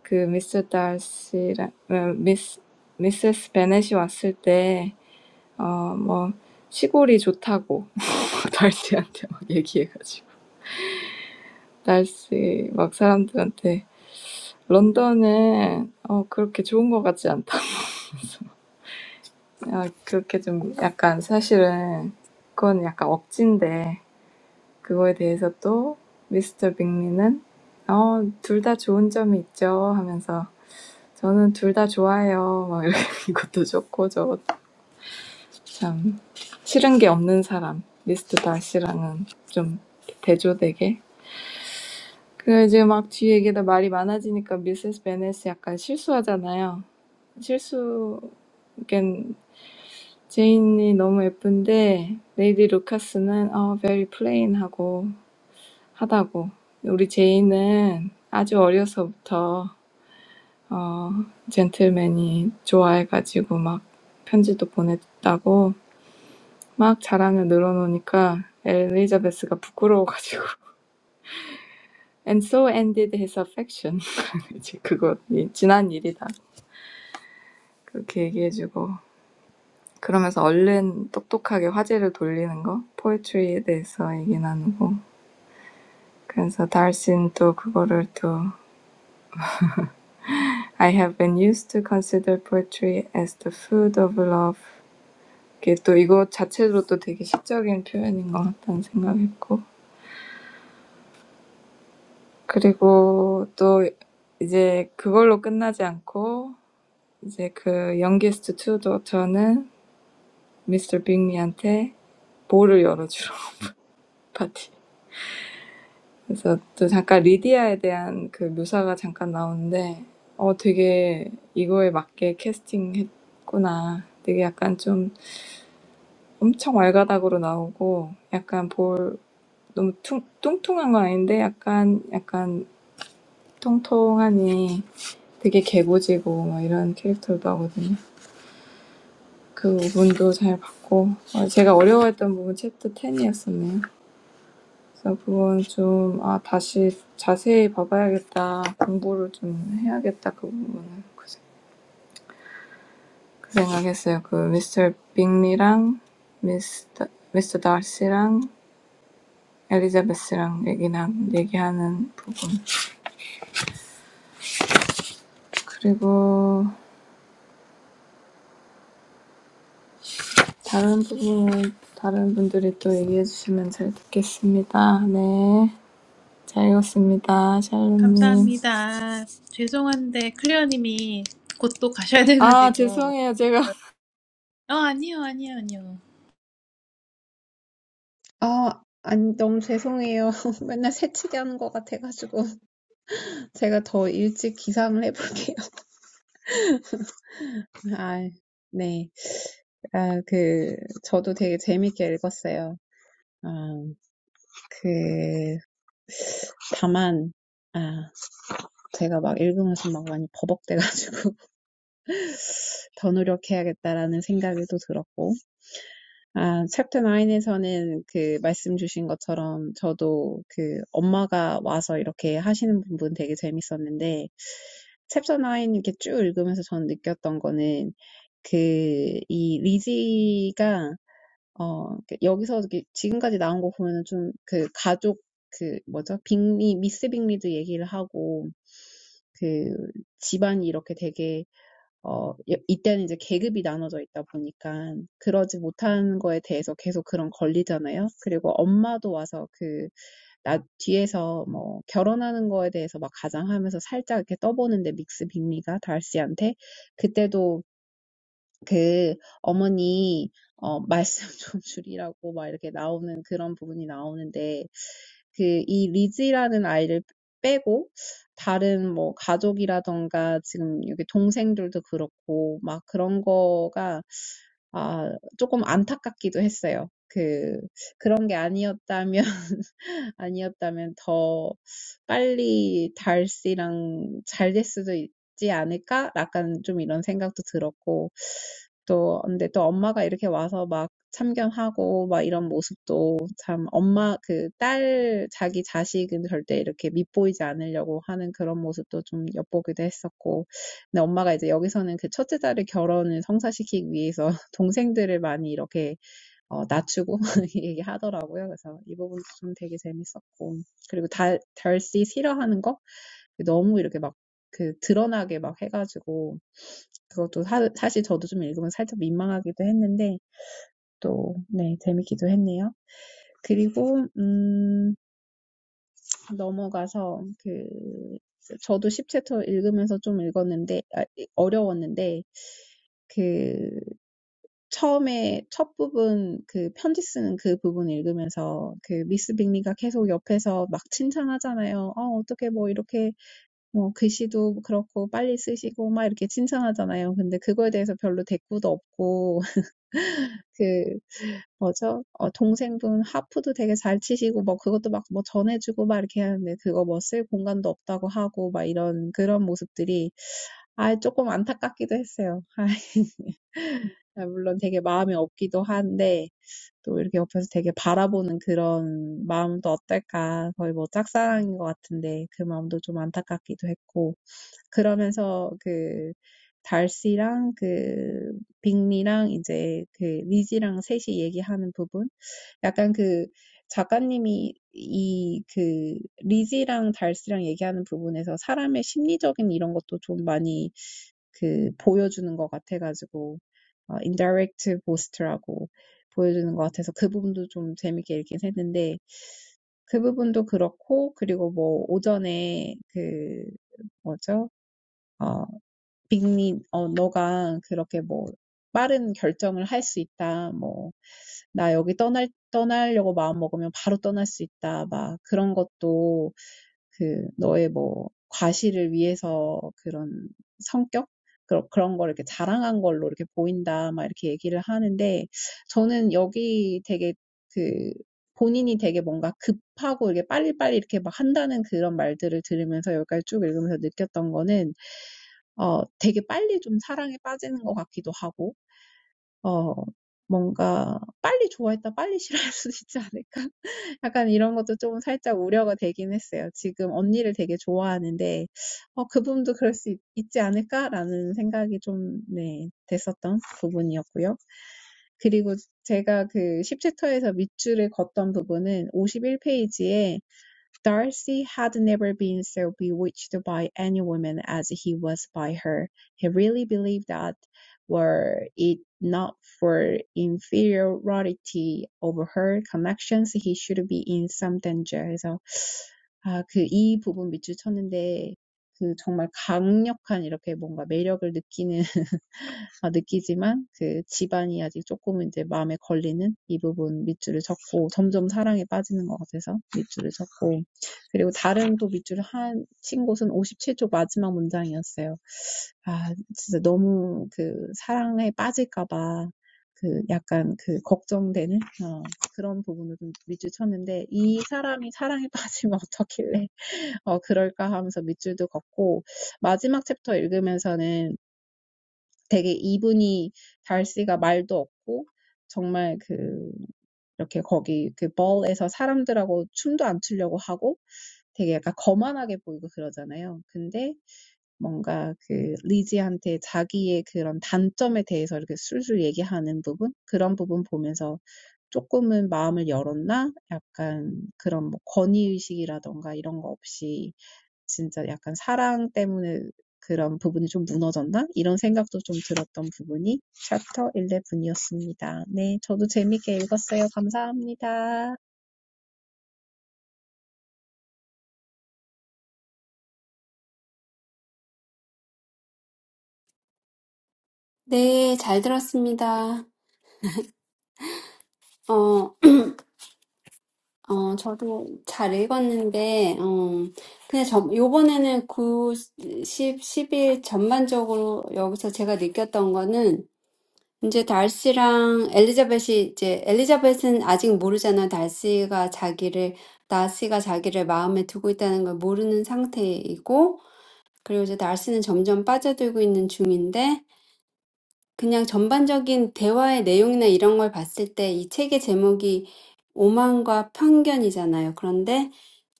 B: 그 Mr. Darcy랑 Miss Misses Bennet이 왔을 때어뭐 시골이 좋다고 Darcy한테 막 얘기해가지고 Darcy 막 사람들한테 London은 어 그렇게 좋은 것 같지 않다. 어 그렇게 좀 약간 사실은 그건 약간 억진데. 그거에 대해서 또 미스터 빅리는 어, 둘다 좋은 점이 있죠 하면서 저는 둘다 좋아해요. 막 이렇게 이것도 좋고 저것도 참 싫은 게 없는 사람 미스터 다시랑은 좀 대조되게 그 이제 막 뒤에 이게 다 말이 많아지니까 미세스 베넷이 약간 실수하잖아요. 실수 그러니까 제인이 너무 예쁜데 레이디 루카스는 어 very plain 하고 하다고. 우리 제이는 아주 어려서부터 어, 젠틀맨이 좋아해가지고 막 편지도 보냈다고 막 자랑을 늘어놓으니까 엘리자베스가 부끄러워가지고 And so ended his affection. 이제 그거 이- 지난 일이다. 그렇게 얘기해주고 그러면서 얼른 똑똑하게 화제를 돌리는 거 포에트리에 대해서 얘기 나누고 그래서 달신 또 그거를 또 I have been used to consider poetry as the food of love. 이게 또 이거 자체로도 되게 시적인 표현인 것 같다는 생각했고. 그리고 또 이제 그걸로 끝나지 않고 이제 그 youngest two daughter는 Mr. 빅리한테 볼을 열어주러 파티. 그래서 또 잠깐 리디아에 대한 그 묘사가 잠깐 나오는데 어 되게 이거에 맞게 캐스팅했구나. 되게 약간 좀 엄청 왈가닥으로 나오고 약간 볼 너무 퉁, 뚱뚱한 건 아닌데 약간 약간 통통하니 되게 개구지고 막 이런 캐릭터도 하거든요. 그 부분도 잘 봤고 어, 제가 어려워했던 부분 챕터 10이었었네요. 그래서 그건 좀 아, 다시 자세히 봐봐야겠다. 공부를 좀 해야겠다. 그 부분은 그 생- 그 생각했어요. 그 미스터 빅리랑 미스터 미스터 다시랑 엘리자베스랑 맥이랑 얘기하는 부분 그리고 다른 부분은 다른 분들이 또 얘기해 주시면 잘 듣겠습니다. 네, 잘 읽었습니다, 샬롬님.
A: 감사합니다. 죄송한데 클리어님이 곧 또 가셔야
B: 아
A: 돼가지고 뭐,
B: 죄송해요 제가
A: 어 아니요 아니요 아니요.
D: 아, 아니, 너무 죄송해요. 맨날 새치기 하는 것 같아가지고. 제가 더 일찍 기상을 해볼게요. 아, 네. 아, 그, 저도 되게 재밌게 읽었어요. 아, 그, 다만, 아, 제가 막 읽으면서 막 많이 버벅대가지고 더 노력해야겠다라는 생각이 또 들었고, 아, 챕터 9에서는 그 말씀 주신 것처럼 저도 그 엄마가 와서 이렇게 하시는 부분 되게 재밌었는데, 챕터 9 이렇게 쭉 읽으면서 저는 느꼈던 거는 그이 리지가 어, 그러니까 여기서 이렇게 지금까지 나온 거 보면은 좀그 가족 그 뭐죠? 빅리, 미스 빅리도 얘기를 하고 그 집안이 이렇게 되게 어, 여- 이때는 이제 계급이 나눠져 있다 보니까 그러지 못한 거에 대해서 계속 그런 걸리잖아요. 그리고 엄마도 와서 그, 나 뒤에서 뭐 결혼하는 거에 대해서 막 가장하면서 살짝 이렇게 떠보는데 믹스 빅리가 달씨한테 그때도 그 어머니 어 말씀 좀 줄이라고 막 이렇게 나오는 그런 부분이 나오는데 그이 리지라는 아이를 빼고 다른 뭐 가족이라던가 지금 여기 동생들도 그렇고 막 그런 거가 아 조금 안타깝기도 했어요. 그 그런 게 아니었다면 아니었다면 더 빨리 달씨랑 잘될 수도 있지 않을까? 약간 좀 이런 생각도 들었고 또 근데 또 엄마가 이렇게 와서 막 참견하고 막 이런 모습도 참 엄마 그 딸 자기 자식은 절대 이렇게 밉보이지 않으려고 하는 그런 모습도 좀 엿보기도 했었고 근데 엄마가 이제 여기서는 그 첫째 딸의 결혼을 성사시키기 위해서 동생들을 많이 이렇게 어, 낮추고 얘기하더라고요. 그래서 이 부분도 좀 되게 재밌었고. 그리고 달, 덜씨 싫어하는 거? 너무 이렇게 막, 그, 드러나게 막 해가지고, 그것도 사, 사실 저도 좀 읽으면 살짝 민망하기도 했는데, 또, 네, 재밌기도 했네요. 그리고, 음, 넘어가서, 그, 저도 십 챕터 읽으면서 좀 읽었는데, 아, 어려웠는데, 그, 처음에 첫 부분 그 편지 쓰는 그 부분 읽으면서 그 미스 빅리가 계속 옆에서 막 칭찬하잖아요. 어, 어떻게 뭐 이렇게 뭐 글씨도 그렇고 빨리 쓰시고 막 이렇게 칭찬하잖아요. 근데 그거에 대해서 별로 대꾸도 없고 그 뭐죠? 어, 동생분 하프도 되게 잘 치시고 뭐 그것도 막 뭐 전해주고 막 이렇게 하는데 그거 뭐 쓸 공간도 없다고 하고 막 이런 그런 모습들이 아, 조금 안타깝기도 했어요. 아, 물론 되게 마음이 없기도 한데 또 이렇게 옆에서 되게 바라보는 그런 마음도 어떨까. 거의 뭐 짝사랑인 것 같은데 그 마음도 좀 안타깝기도 했고. 그러면서 그 달씨랑 그 빅리랑 이제 그 리지랑 셋이 얘기하는 부분? 약간 그 작가님이 이 그 리지랑 달씨랑 얘기하는 부분에서 사람의 심리적인 이런 것도 좀 많이 그 보여주는 것 같아가지고 어, 인다이렉트 보스트라고 보여주는 것 같아서 그 부분도 좀 재밌게 읽긴 했는데 그 부분도 그렇고 그리고 뭐 오전에 그 뭐죠? 어 Big, you know, you can make such a quick decision. If I want to leave here, I can leave right away. Such things are also your overconfidence, your personality, your boasting, your appearance. I'm talking about it. I'm reading it here. What I felt was that 어, 되게 빨리 좀 사랑에 빠지는 것 같기도 하고, 어, 뭔가 빨리 좋아했다 빨리 싫어할 수도 있지 않을까? 약간 이런 것도 좀 살짝 우려가 되긴 했어요. 지금 언니를 되게 좋아하는데, 어, 그분도 그럴 수 있, 있지 않을까라는 생각이 좀, 네, 됐었던 부분이었고요. 그리고 제가 그 10챕터에서 밑줄을 걷던 부분은 오십일 페이지에. Darcy had never been so bewitched by any woman as he was by her. He really believed that were it not for inferiority over her connections, he should be in some danger. 그래서 아, 그이 부분 밑줄 쳤는데 그 정말 강력한 이렇게 뭔가 매력을 느끼는 아, 느끼지만 그 집안이 아직 조금 이제 마음에 걸리는 이 부분 밑줄을 쳤고 점점 사랑에 빠지는 것 같아서 밑줄을 쳤고 그리고 다른 또 밑줄을 한, 친 곳은 57쪽 마지막 문장이었어요. 아, 진짜 너무 그 사랑에 빠질까봐 그 약간 그 걱정되는 어, 그런 부분을 좀 밑줄 쳤는데 이 사람이 사랑에 빠지면 어떻길래 어 그럴까 하면서 밑줄도 걷고 마지막 챕터 읽으면서는 되게 이분이 달씨가 말도 없고 정말 그 이렇게 거기 그 ball에서 사람들하고 춤도 안 추려고 하고 되게 약간 거만하게 보이고 그러잖아요. 근데 뭔가 그 리지한테 자기의 그런 단점에 대해서 이렇게 술술 얘기하는 부분 그런 부분 보면서 조금은 마음을 열었나? 약간 그런 뭐 권위의식이라던가 이런 거 없이 진짜 약간 사랑 때문에 그런 부분이 좀 무너졌나? 이런 생각도 좀 들었던 부분이 챕터 11이었습니다. 네, 저도 재밌게 읽었어요. 감사합니다.
C: 네, 잘 들었습니다. 어, 어, 저도 잘 읽었는데, 어, 근데 저, 요번에는 9, 십 십일 전반적으로 여기서 제가 느꼈던 거는, 이제 달시랑 엘리자벳이, 이제, 엘리자벳은 아직 모르잖아. 달시가 자기를, 나시가 자기를 마음에 두고 있다는 걸 모르는 상태이고, 그리고 이제 날씨는 점점 빠져들고 있는 중인데, 그냥 전반적인 대화의 내용이나 이런 걸 봤을 때이 책의 제목이 오만과 편견이잖아요. 그런데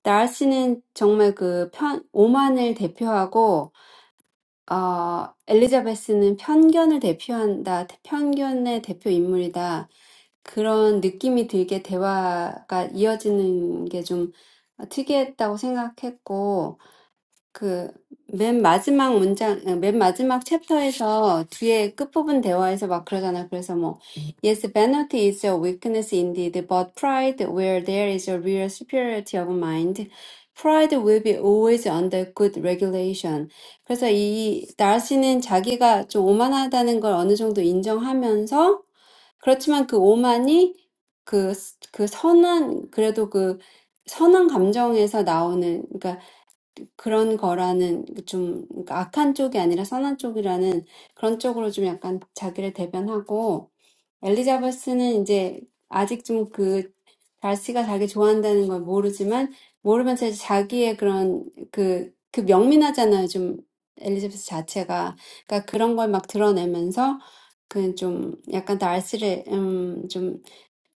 C: 나르시는 정말 그 편, 오만을 대표하고 어, 엘리자베스는 편견을 대표한다. 편견의 대표 인물이다. 그런 느낌이 들게 대화가 이어지는 게좀 특이했다고 생각했고 그, 맨 마지막 문장, 어, 맨 마지막 챕터에서 뒤에 끝부분 대화에서 막 그러잖아. 그래서 뭐, Yes, vanity is a weakness indeed, but pride, where there is a real superiority of mind, pride will be always under good regulation. 그래서 이, 다시는 자기가 좀 오만하다는 걸 어느 정도 인정하면서, 그렇지만 그 오만이 그, 그 선한, 그래도 그 선한 감정에서 나오는, 그러니까 그런 거라는 좀 그러니까 악한 쪽이 아니라 선한 쪽이라는 그런 쪽으로 좀 약간 자기를 대변하고 엘리자베스는 이제 아직 좀그 달씨가 자기 좋아한다는 걸 모르지만 모르면서 이제 자기의 그런 그그 명민하잖아요. 좀 엘리자베스 자체가 그러니까 그런 걸막 드러내면서 그좀 약간 달씨를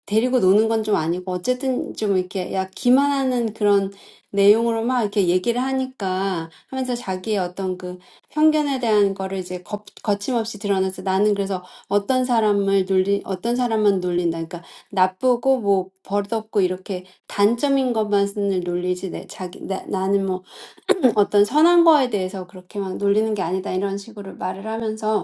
C: 데리고 노는 건좀 아니고 어쨌든 좀 이렇게 야 기만하는 그런 내용으로 막 이렇게 얘기를 하니까 하면서 자기의 어떤 그 편견에 대한 거를 이제 거, 거침없이 드러내서 나는 그래서 어떤 사람을 놀리 어떤 사람만 놀린다 그러니까 나쁘고 뭐 버릇없고 이렇게 단점인 것만을 놀리지 내 자기 나, 나는 뭐 어떤 선한 거에 대해서 그렇게 막 놀리는 게 아니다 이런 식으로 말을 하면서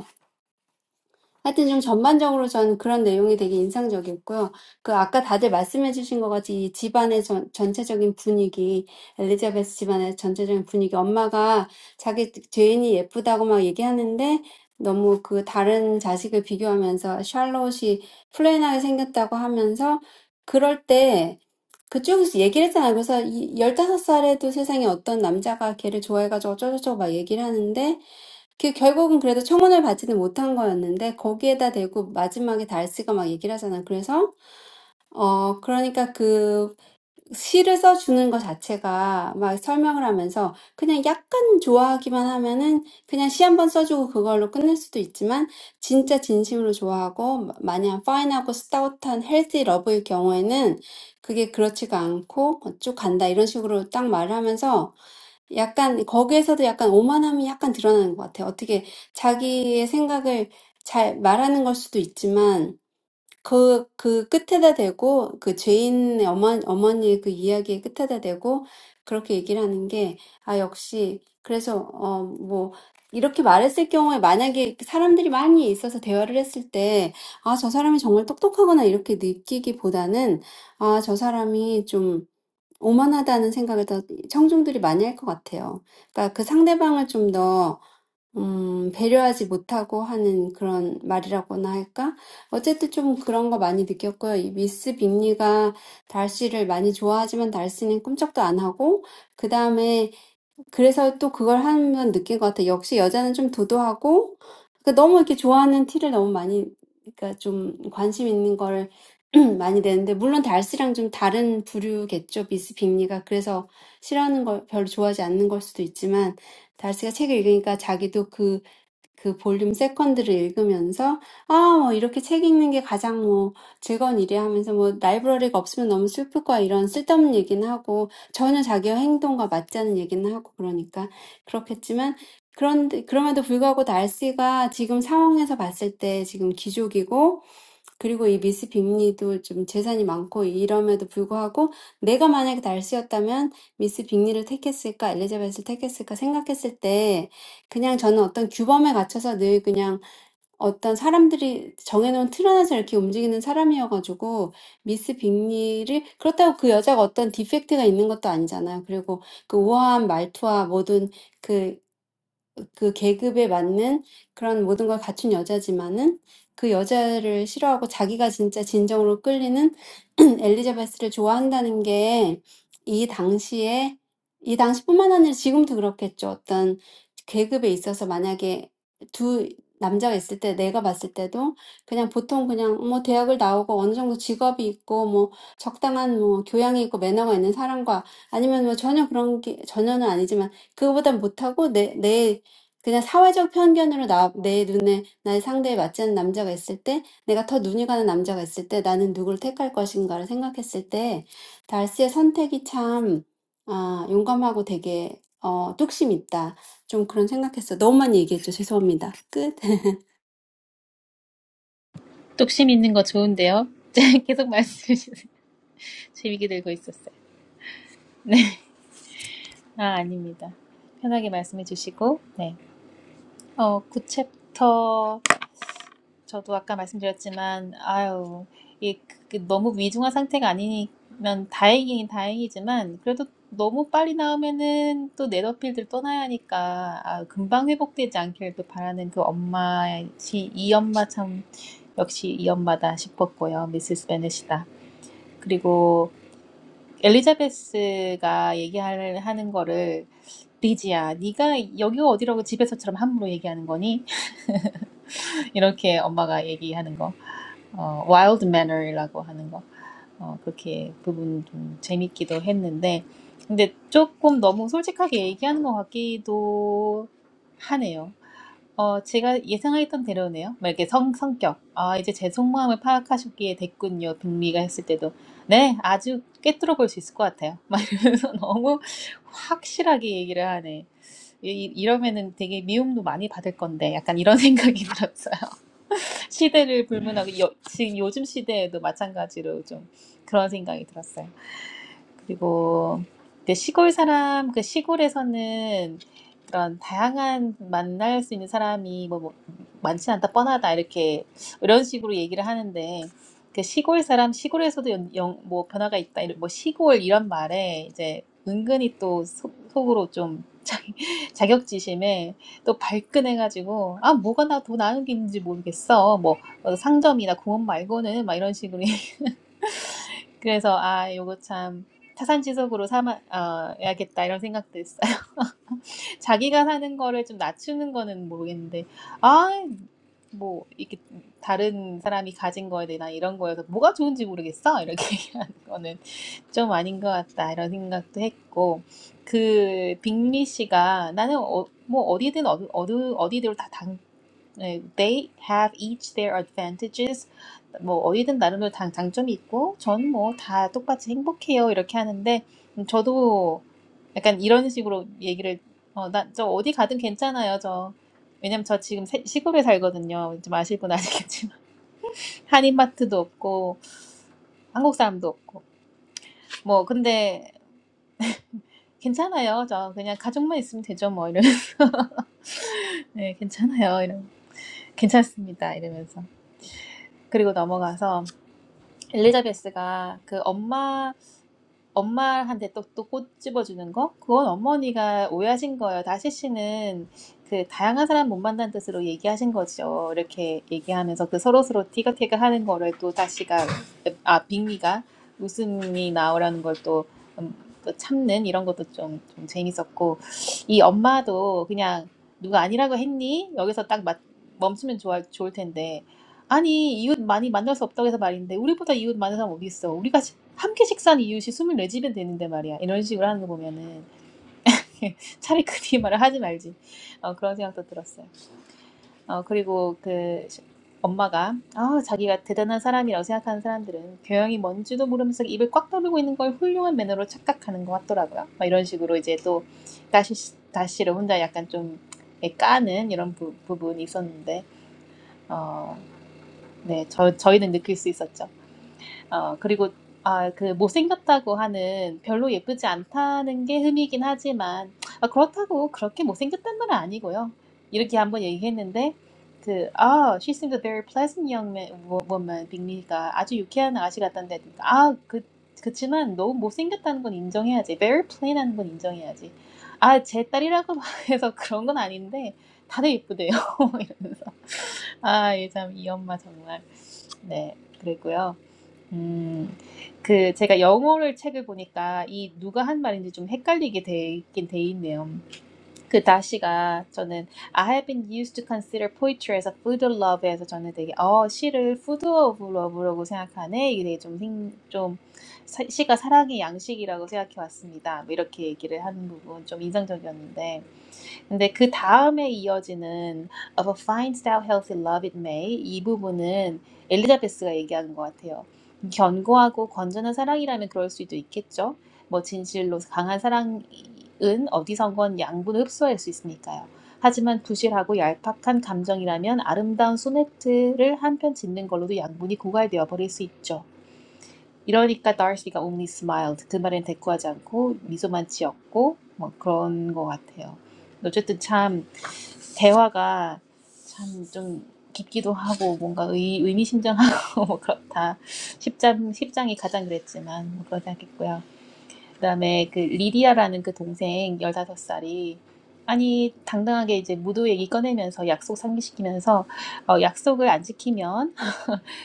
C: 하여튼 좀 전반적으로 저는 그런 내용이 되게 인상적이었고요. 그 아까 다들 말씀해 주신 것 같이 이 집안의 전, 전체적인 분위기, 엘리자베스 집안의 전체적인 분위기, 엄마가 자기 죄인이 예쁘다고 막 얘기하는데 너무 그 다른 자식을 비교하면서 샬롯이 플레인하게 생겼다고 하면서 그럴 때 그쪽에서 얘기를 했잖아요. 그래서 이 열다섯 살에도 세상에 어떤 남자가 걔를 좋아해가지고 어쩌고저쩌고 막 얘기를 하는데 그 결국은 그래도 청혼을 받지는 못한 거였는데 거기에다 대고 마지막에 달스가 막 얘기를 하잖아. 그래서 어 그러니까 그 시를 써주는 거 자체가 막 설명을 하면서 그냥 약간 좋아하기만 하면은 그냥 시 한 번 써주고 그걸로 끝낼 수도 있지만 진짜 진심으로 좋아하고 마- 마냥 파인하고 스타우트한 헬디 러브일 경우에는 그게 그렇지가 않고 쭉 간다 이런 식으로 딱 말을 하면서 약간 거기에서도 약간 오만함이 약간 드러나는 것 같아요. 어떻게 자기의 생각을 잘 말하는 걸 수도 있지만 그, 그 끝에다 대고 그 죄인의 어머, 어머니의 그 이야기의 끝에다 대고 그렇게 얘기를 하는 게, 아, 역시, 그래서, 어, 뭐, 이렇게 말했을 경우에 만약에 사람들이 많이 있어서 대화를 했을 때, 아, 저 사람이 정말 똑똑하거나 이렇게 느끼기보다는, 아, 저 사람이 좀, 오만하다는 생각을 더 청중들이 많이 할것 같아요. 그러니까 그 상대방을 좀더 음, 배려하지 못하고 하는 그런 말이라고나 할까? 어쨌든 좀 그런 거 많이 느꼈고요. 이 미스 빅리가 달씨를 많이 좋아하지만 달씨는 꿈쩍도 안 하고, 그 다음에. 그래서 또 그걸 하면 느낀 것 같아. 역시 여자는 좀 도도하고, 그러니까 너무 이렇게 좋아하는 티를 너무 많이, 그러니까 좀 관심 있는 거를 많이 내는데, 물론 달스랑 좀 다른 부류겠죠. 미스 빅리가. 그래서 싫어하는 걸 별로 좋아하지 않는 걸 수도 있지만, 달스가 책을 읽으니까 자기도 그 그 볼륨 세컨드를 읽으면서 아, 뭐 이렇게 책 읽는 게 가장 뭐 즐거운 일이야 하면서 뭐 라이브러리가 없으면 너무 슬플 거야 이런 쓸데없는 얘기는 하고 전혀 자기 행동과 맞지 않은 얘기는 하고 그러니까 그렇겠지만 그런데 그럼에도 불구하고 날씨가 지금 상황에서 봤을 때 지금 기족이고 그리고 이 미스 빅리도 좀 재산이 많고 이럼에도 불구하고 내가 만약에 달스였다면 미스 빅리를 택했을까, 엘리자벳을 택했을까 생각했을 때 그냥 저는 어떤 규범에 갇혀서 늘 그냥 어떤 사람들이 정해놓은 틀 안에서 이렇게 움직이는 사람이어가지고 미스 빅리를 그렇다고 그 여자가 어떤 디펙트가 있는 것도 아니잖아요. 그리고 그 우아한 말투와 모든 그 그 계급에 맞는 그런 모든 걸 갖춘 여자지만은 그 여자를 싫어하고 자기가 진짜 진정으로 끌리는 엘리자베스를 좋아한다는 게이 당시에 이 당시뿐만 아니라 지금도 그렇겠죠. 어떤 계급에 있어서 만약에 두 남자가 있을 때 내가 봤을 때도 그냥 보통 그냥 뭐 대학을 나오고 어느 정도 직업이 있고 뭐 적당한 뭐 교양이 있고 매너가 있는 사람과 아니면 뭐 전혀 그런 게 전혀는 아니지만 그거보단 못하고 내, 내 그냥 사회적 편견으로 나, 내 눈에 나의 상대에 맞지 않는 남자가 있을 때, 내가 더 눈이 가는 남자가 있을 때, 나는 누구를 택할 것인가를 생각했을 때, 달스의 선택이 참, 아, 용감하고 되게, 어, 뚝심 있다. 좀 그런 생각했어. 너무만 얘기했죠. 죄송합니다. 끝.
A: 뚝심 있는 거 좋은데요? 계속 말씀해 주세요. 재밌게 들고 있었어요. 네, 아 아닙니다. 편하게 말씀해 주시고 네, 어구챕터 저도 아까 말씀드렸지만, 아유, 이 그 너무 위중한 상태가 아니면 다행이긴 다행이지만, 그래도 너무 빨리 나오면은 또 네더필드를 떠나야 하니까, 아, 금방 회복되지 않기를 또 바라는 그 엄마, 이 엄마 참, 역시 이 엄마다 싶었고요. 미세스 베넷이다. 그리고 엘리자베스가 얘기하는 거를, 리지야, 네가 여기가 어디라고 집에서처럼 함부로 얘기하는 거니? 이렇게 엄마가 얘기하는 거. 어, Wild Manner이라고 하는 거. 어, 그렇게 부분 좀 재밌기도 했는데, 근데 조금 너무 솔직하게 얘기하는 것 같기도 하네요. 어, 제가 예상했던 대로네요. 막 이렇게 성, 성격. 아, 이제 제 속마음을 파악하셨기에 됐군요. 북미가 했을 때도. 네, 아주 꿰뚫어 볼 수 있을 것 같아요. 막 이러면서 너무 확실하게 얘기를 하네. 이, 이러면은 되게 미움도 많이 받을 건데, 약간 이런 생각이 들었어요. 시대를 불문하고 요, 지금 요즘 시대에도 마찬가지로 좀 그런 생각이 들었어요. 그리고 이제 시골 사람, 그 시골에서는 그런 다양한 만날 수 있는 사람이 뭐, 뭐 많지 않다, 뻔하다, 이렇게 이런 식으로 얘기를 하는데 그 시골 사람, 시골에서도 연, 영, 뭐 변화가 있다, 이런- 뭐 시골 이런 말에 이제 은근히 또 속, 속으로 좀 자, 자격지심에 또 발끈해가지고 아 뭐가 나 더 나은 게있는지 모르겠어 뭐 어, 상점이나 공원 말고는 막 이런 식으로 그래서 아 요거 참 타산지석으로 삼아 어, 야겠다 이런 생각도 했어요. 자기가 사는 거를 좀 낮추는 거는 모르겠는데 아 뭐 이렇게 다른 사람이 가진 거에 대한 이런 거여서 뭐가 좋은지 모르겠어 이렇게 얘기하는 거는 좀 아닌 것 같다 이런 생각도 했고 그 빅리 씨가 나는 어, 뭐 어디든 어디, 어디 어디대로 다 당, 네, They have each their advantages. 뭐 어디든 나름대로 다- 장점이 있고 전 뭐 다 똑같이 행복해요 이렇게 하는데 음, 저도 약간 이런 식으로 얘기를 어, 나, 저 어디 가든 괜찮아요 저 왜냐면 저 지금 세- 시골에 살거든요 좀 아실 분 아시겠지만 한인마트도 없고 한국 사람도 없고 뭐 근데 괜찮아요 저 그냥 가족만 있으면 되죠 뭐 이런 네 괜찮아요 이런 괜찮습니다 이러면서 그리고 넘어가서 엘리자베스가 그 엄마 엄마한테 또, 또 꼬집어주는 거? 그건 어머니가 오해하신 거예요. 다시 씨는 그 다양한 사람 못 만난 뜻으로 얘기하신 거죠. 이렇게 얘기하면서 그 서로서로 티격태격 하는 거를 또 다시가, 아, 빅미가 웃음이 나오라는 걸또 또 음, 또 참는 이런 것도 좀, 좀 재밌었고, 이 엄마도 그냥 누가 아니라고 했니? 여기서 딱 맞, 멈추면 좋아, 좋을 텐데, 아니, 이웃 많이 만날 수 없다고 해서 말인데, 우리보다 이웃 많은 사람 어디 있어? 우리가 함께 식사한 이웃이 24집이 되는데 말이야. 이런 식으로 하는 거 보면은 차라리 그리 말을 하지 말지. 어, 그런 생각도 들었어요. 어, 그리고 그 엄마가 아, 자기가 대단한 사람이라고 생각하는 사람들은 교양이 뭔지도 모르면서 입을 꽉 다물고 있는 걸 훌륭한 매너로 착각하는 것 같더라고요. 막 이런 식으로 이제 또 다시 다시를 혼자 약간 좀 까는 이런 부, 부분이 있었는데 어, 네, 저, 저희는 느낄 수 있었죠. 어, 그리고 아, 그 못생겼다고 하는 별로 예쁘지 않다는 게 흠이긴 하지만 아, 그렇다고 그렇게 못생겼단 말은 아니고요. 이렇게 한번 얘기했는데 그 아, she seemed a very pleasant young man, wo- woman, 빅리가 아주 유쾌한 아가씨 같던데 아, 그 그치만 너무 못생겼다는 건 인정해야지. very plain한 건 인정해야지. 아, 제 딸이라고 해서 그런 건 아닌데 다들 예쁘대요. 이러면서 아, 이 참 이 엄마 정말 네 그랬고요. 음, 그 제가 영어를 책을 보니까 이 누가 한 말인지 좀 헷갈리게 돼 있긴 돼 있네요. 그 다시가 저는 I have been used to consider p o e t r y as a food of love에서 저는 되게 어 시를 food of love라고 생각하네 이게 되게 좀, 생, 좀 사- 시가 사랑의 양식이라고 생각해 왔습니다. 뭐 이렇게 얘기를 하는 부분 좀 인상적이었는데 근데 그 다음에 이어지는 of a fine style healthy love it may 이 부분은 엘리자베스가 얘기하는 것 같아요. 견고하고 건전한 사랑이라면 그럴 수도 있겠죠. 뭐 진실로 강한 사랑은 어디선건 양분을 흡수할 수 있으니까요. 하지만 부실하고 얄팍한 감정이라면 아름다운 소네트를 한편 짓는 걸로도 양분이 고갈되어 버릴 수 있죠. 이러니까 다시가 only smiled 그 말엔 대꾸하지 않고 미소만 지었고 뭐 그런 것 같아요. 어쨌든 참 대화가 참 좀 깊기도 하고 뭔가 의, 의미심장하고 뭐 그렇다. 10장, 십장이 가장 그랬지만 뭐 그러지 않겠고요. 그다음에 그 리디아라는 그 동생 15살이 아니 당당하게 이제 무도 얘기 꺼내면서 약속 상기시키면서 어, 약속을 안 지키면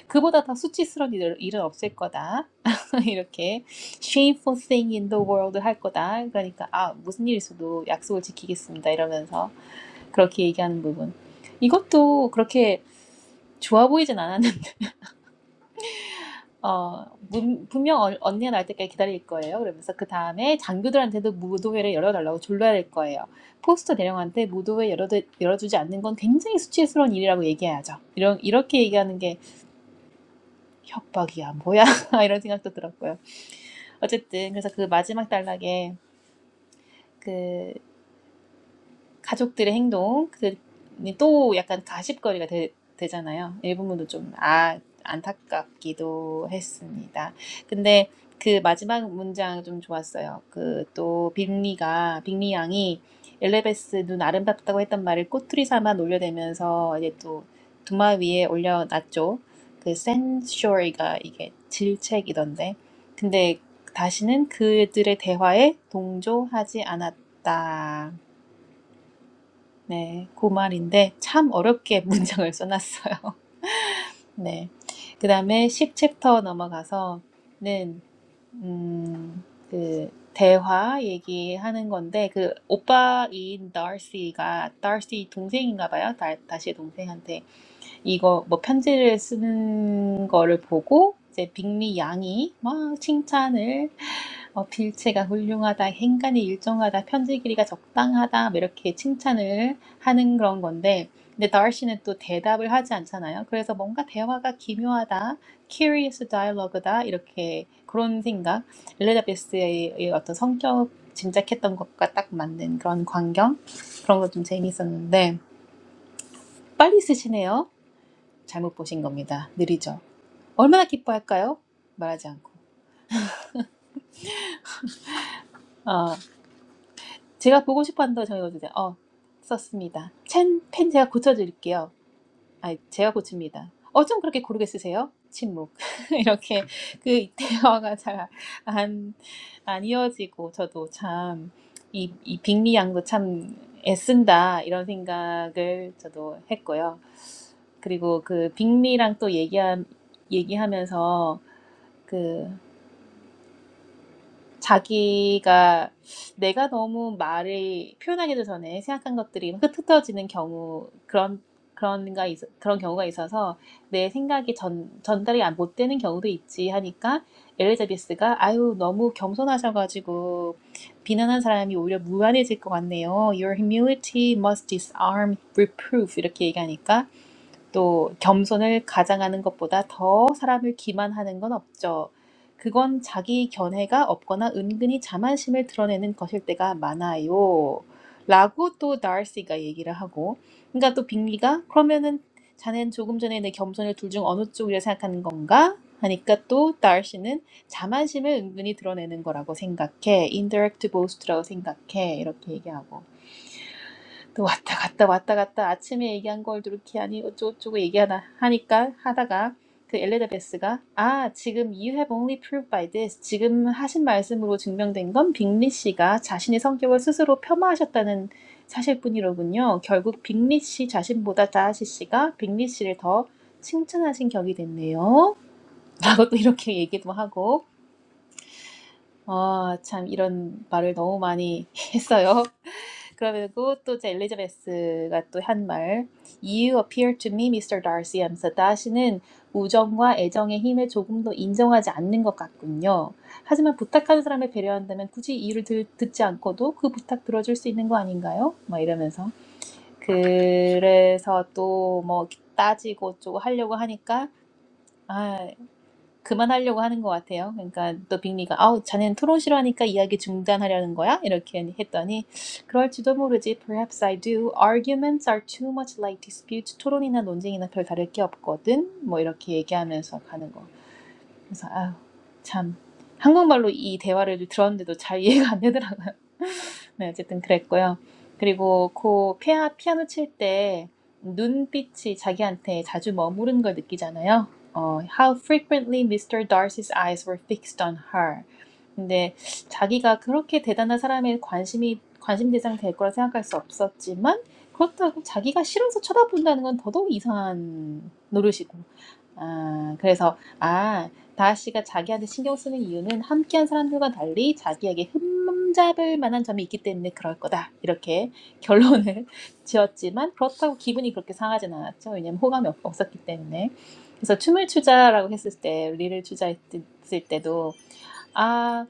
A: 그보다 더 수치스러운 일, 일은 없을 거다. 이렇게 shameful thing in the world 할 거다. 그러니까 아 무슨 일 있어도 약속을 지키겠습니다. 이러면서 그렇게 얘기하는 부분. 이것도 그렇게 좋아 보이진 않았는데, 어, 문- 분명 언- 언니가 나올 때까지 기다릴 거예요. 그러면서 그 다음에 장교들한테도 무도회를 열어달라고 졸라야 될 거예요. 포스터 대령한테 무도회 열어, 열어주지 않는 건 굉장히 수치스러운 일이라고 얘기해야죠. 이런, 이렇게 얘기하는 게 협박이야, 뭐야, 이런 생각도 들었고요. 어쨌든, 그래서 그 마지막 단락에 그 가족들의 행동 이또 약간 가십거리가 되, 되잖아요. 일부분도 좀 아, 안타깝기도 했습니다. 근데 그 마지막 문장 좀 좋았어요. 그 또 빅리가 빅리 양이 엘레베스 눈 아름답다고 했던 말을 꼬투리 삼아 놀려대면서 이제 또 두마 위에 올려놨죠. 그 센쇼리가 이게 질책이던데. 근데 다시는 그들의 대화에 동조하지 않았다. 네, 그 말인데 참 어렵게 문장을 써놨어요. 네. 그 다음에 10챕터 넘어가서는, 음, 그, 대화 얘기하는 건데, 그, 오빠인 d a r c y 가 d a r c y 동생인가 봐요. 다, 다시 동생한테 이거 뭐 편지를 쓰는 거를 보고 이제 빅리 양이 막 칭찬을 어, 빌체가 훌륭하다, 행간이 일정하다, 편지 길이가 적당하다 뭐 이렇게 칭찬을 하는 그런 건데 근데 다시는 또 대답을 하지 않잖아요. 그래서 뭔가 대화가 기묘하다, curious dialogue다 이렇게 그런 생각 엘리자베스의 어떤 성격 짐작했던 것과 딱 맞는 그런 광경 그런 거 좀재미있었는데 빨리 쓰시네요. 잘못 보신 겁니다. 느리죠. 얼마나 기뻐할까요? 말하지 않고. 어, 제가 보고 싶었는데 정해주세요. 어, 썼습니다. 펜, 펜 제가 고쳐드릴게요. 아, 제가 고칩니다. 어쩜 그렇게 고르게 쓰세요? 침묵. 이렇게 그 대화가 잘안 안안 이어지고 저도 참 이, 이 빅리 양도 참 애쓴다 이런 생각을 저도 했고요. 그리고 그 빅리랑 또 얘기하, 얘기하면서 그 자기가 내가 너무 말을 표현하기도 전에 생각한 것들이 막 흩어지는 경우 그런 그런가 있- 그런 경우가 있어서 내 생각이 전 전달이 안- 못 되는 경우도 있지 하니까 엘리자베스가 아유 너무 겸손하셔가지고 비난한 사람이 오히려 무안해질 것 같네요. Your humility must disarm reproof 이렇게 얘기하니까 또 겸손을 가장하는 것보다 더 사람을 기만하는 건 없죠. 그건 자기 견해가 없거나 은근히 자만심을 드러내는 것일 때가 많아요. 라고 또 다르시가 얘기를 하고 그러니까 또 빅리가 그러면은 자넨 조금 전에 내 겸손을 둘 중 어느 쪽이라 생각하는 건가? 하니까 또 다르시는 자만심을 은근히 드러내는 거라고 생각해. indirect boast라고 생각해. 이렇게 얘기하고 또 왔다 갔다 왔다 갔다 아침에 얘기한 걸 이렇게 하니 어쩌고저쩌고 얘기하다 하니까 하다가 그 엘리자베스가 아 지금 you have only proved by this 지금 하신 말씀으로 증명된 건 빅리 씨가 자신의 성격을 스스로 폄하하셨다는 사실뿐이로군요. 결국 빅리 씨 자신보다 다하시 씨가 빅리 씨를 더 칭찬하신 격이 됐네요. 라고 또 이렇게 얘기도 하고 아 참 이런 말을 너무 많이 했어요. 그리고 또 이제 엘리자베스가 또 한 말 You appear to me, Mr. Darcy 하면서 다시는 우정과 애정의 힘을 조금도 인정하지 않는 것 같군요. 하지만 부탁하는 사람을 배려한다면 굳이 이유를 들, 듣지 않고도 그 부탁 들어줄 수 있는 거 아닌가요? 막 이러면서 그래서 또 뭐 따지고 어쩌고 하려고 하니까 아, 그만하려고 하는 것 같아요. 그러니까 또 빅리가 아우 자네는 토론 싫어하니까 이야기 중단하려는 거야? 이렇게 했더니 그럴지도 모르지. Perhaps I do. Arguments are too much like dispute. s 토론이나 논쟁이나 별 다를 게 없거든. 뭐 이렇게 얘기하면서 가는 거. 그래서 아우 참 한국말로 이 대화를 들었는데도 잘 이해가 안 되더라고요. 네, 어쨌든 그랬고요. 그리고 그 피아, 피아노 칠 때 눈빛이 자기한테 자주 머무른 걸 느끼잖아요. 어, how frequently Mr. Darcy's eyes were fixed on her. 근데 자기가 그렇게 대단한 사람의 관심이 관심 대상 될 거라 생각할 수 없었지만 그렇다고 자기가 싫어서 쳐다본다는 건 더더욱 이상한 노릇이고 아, 그래서, 아, 다하 씨가 자기한테 신경 쓰는 이유는 함께한 사람들과 달리 자기에게 흠잡을 만한 점이 있기 때문에 그럴 거다. 이렇게 결론을 지었지만 그렇다고 기분이 그렇게 상하진 않았죠. 왜냐면 호감이 없- 없었기 때문에. 그래서 춤을 추자라고 했을 때, 리를 추자 했을 때도 아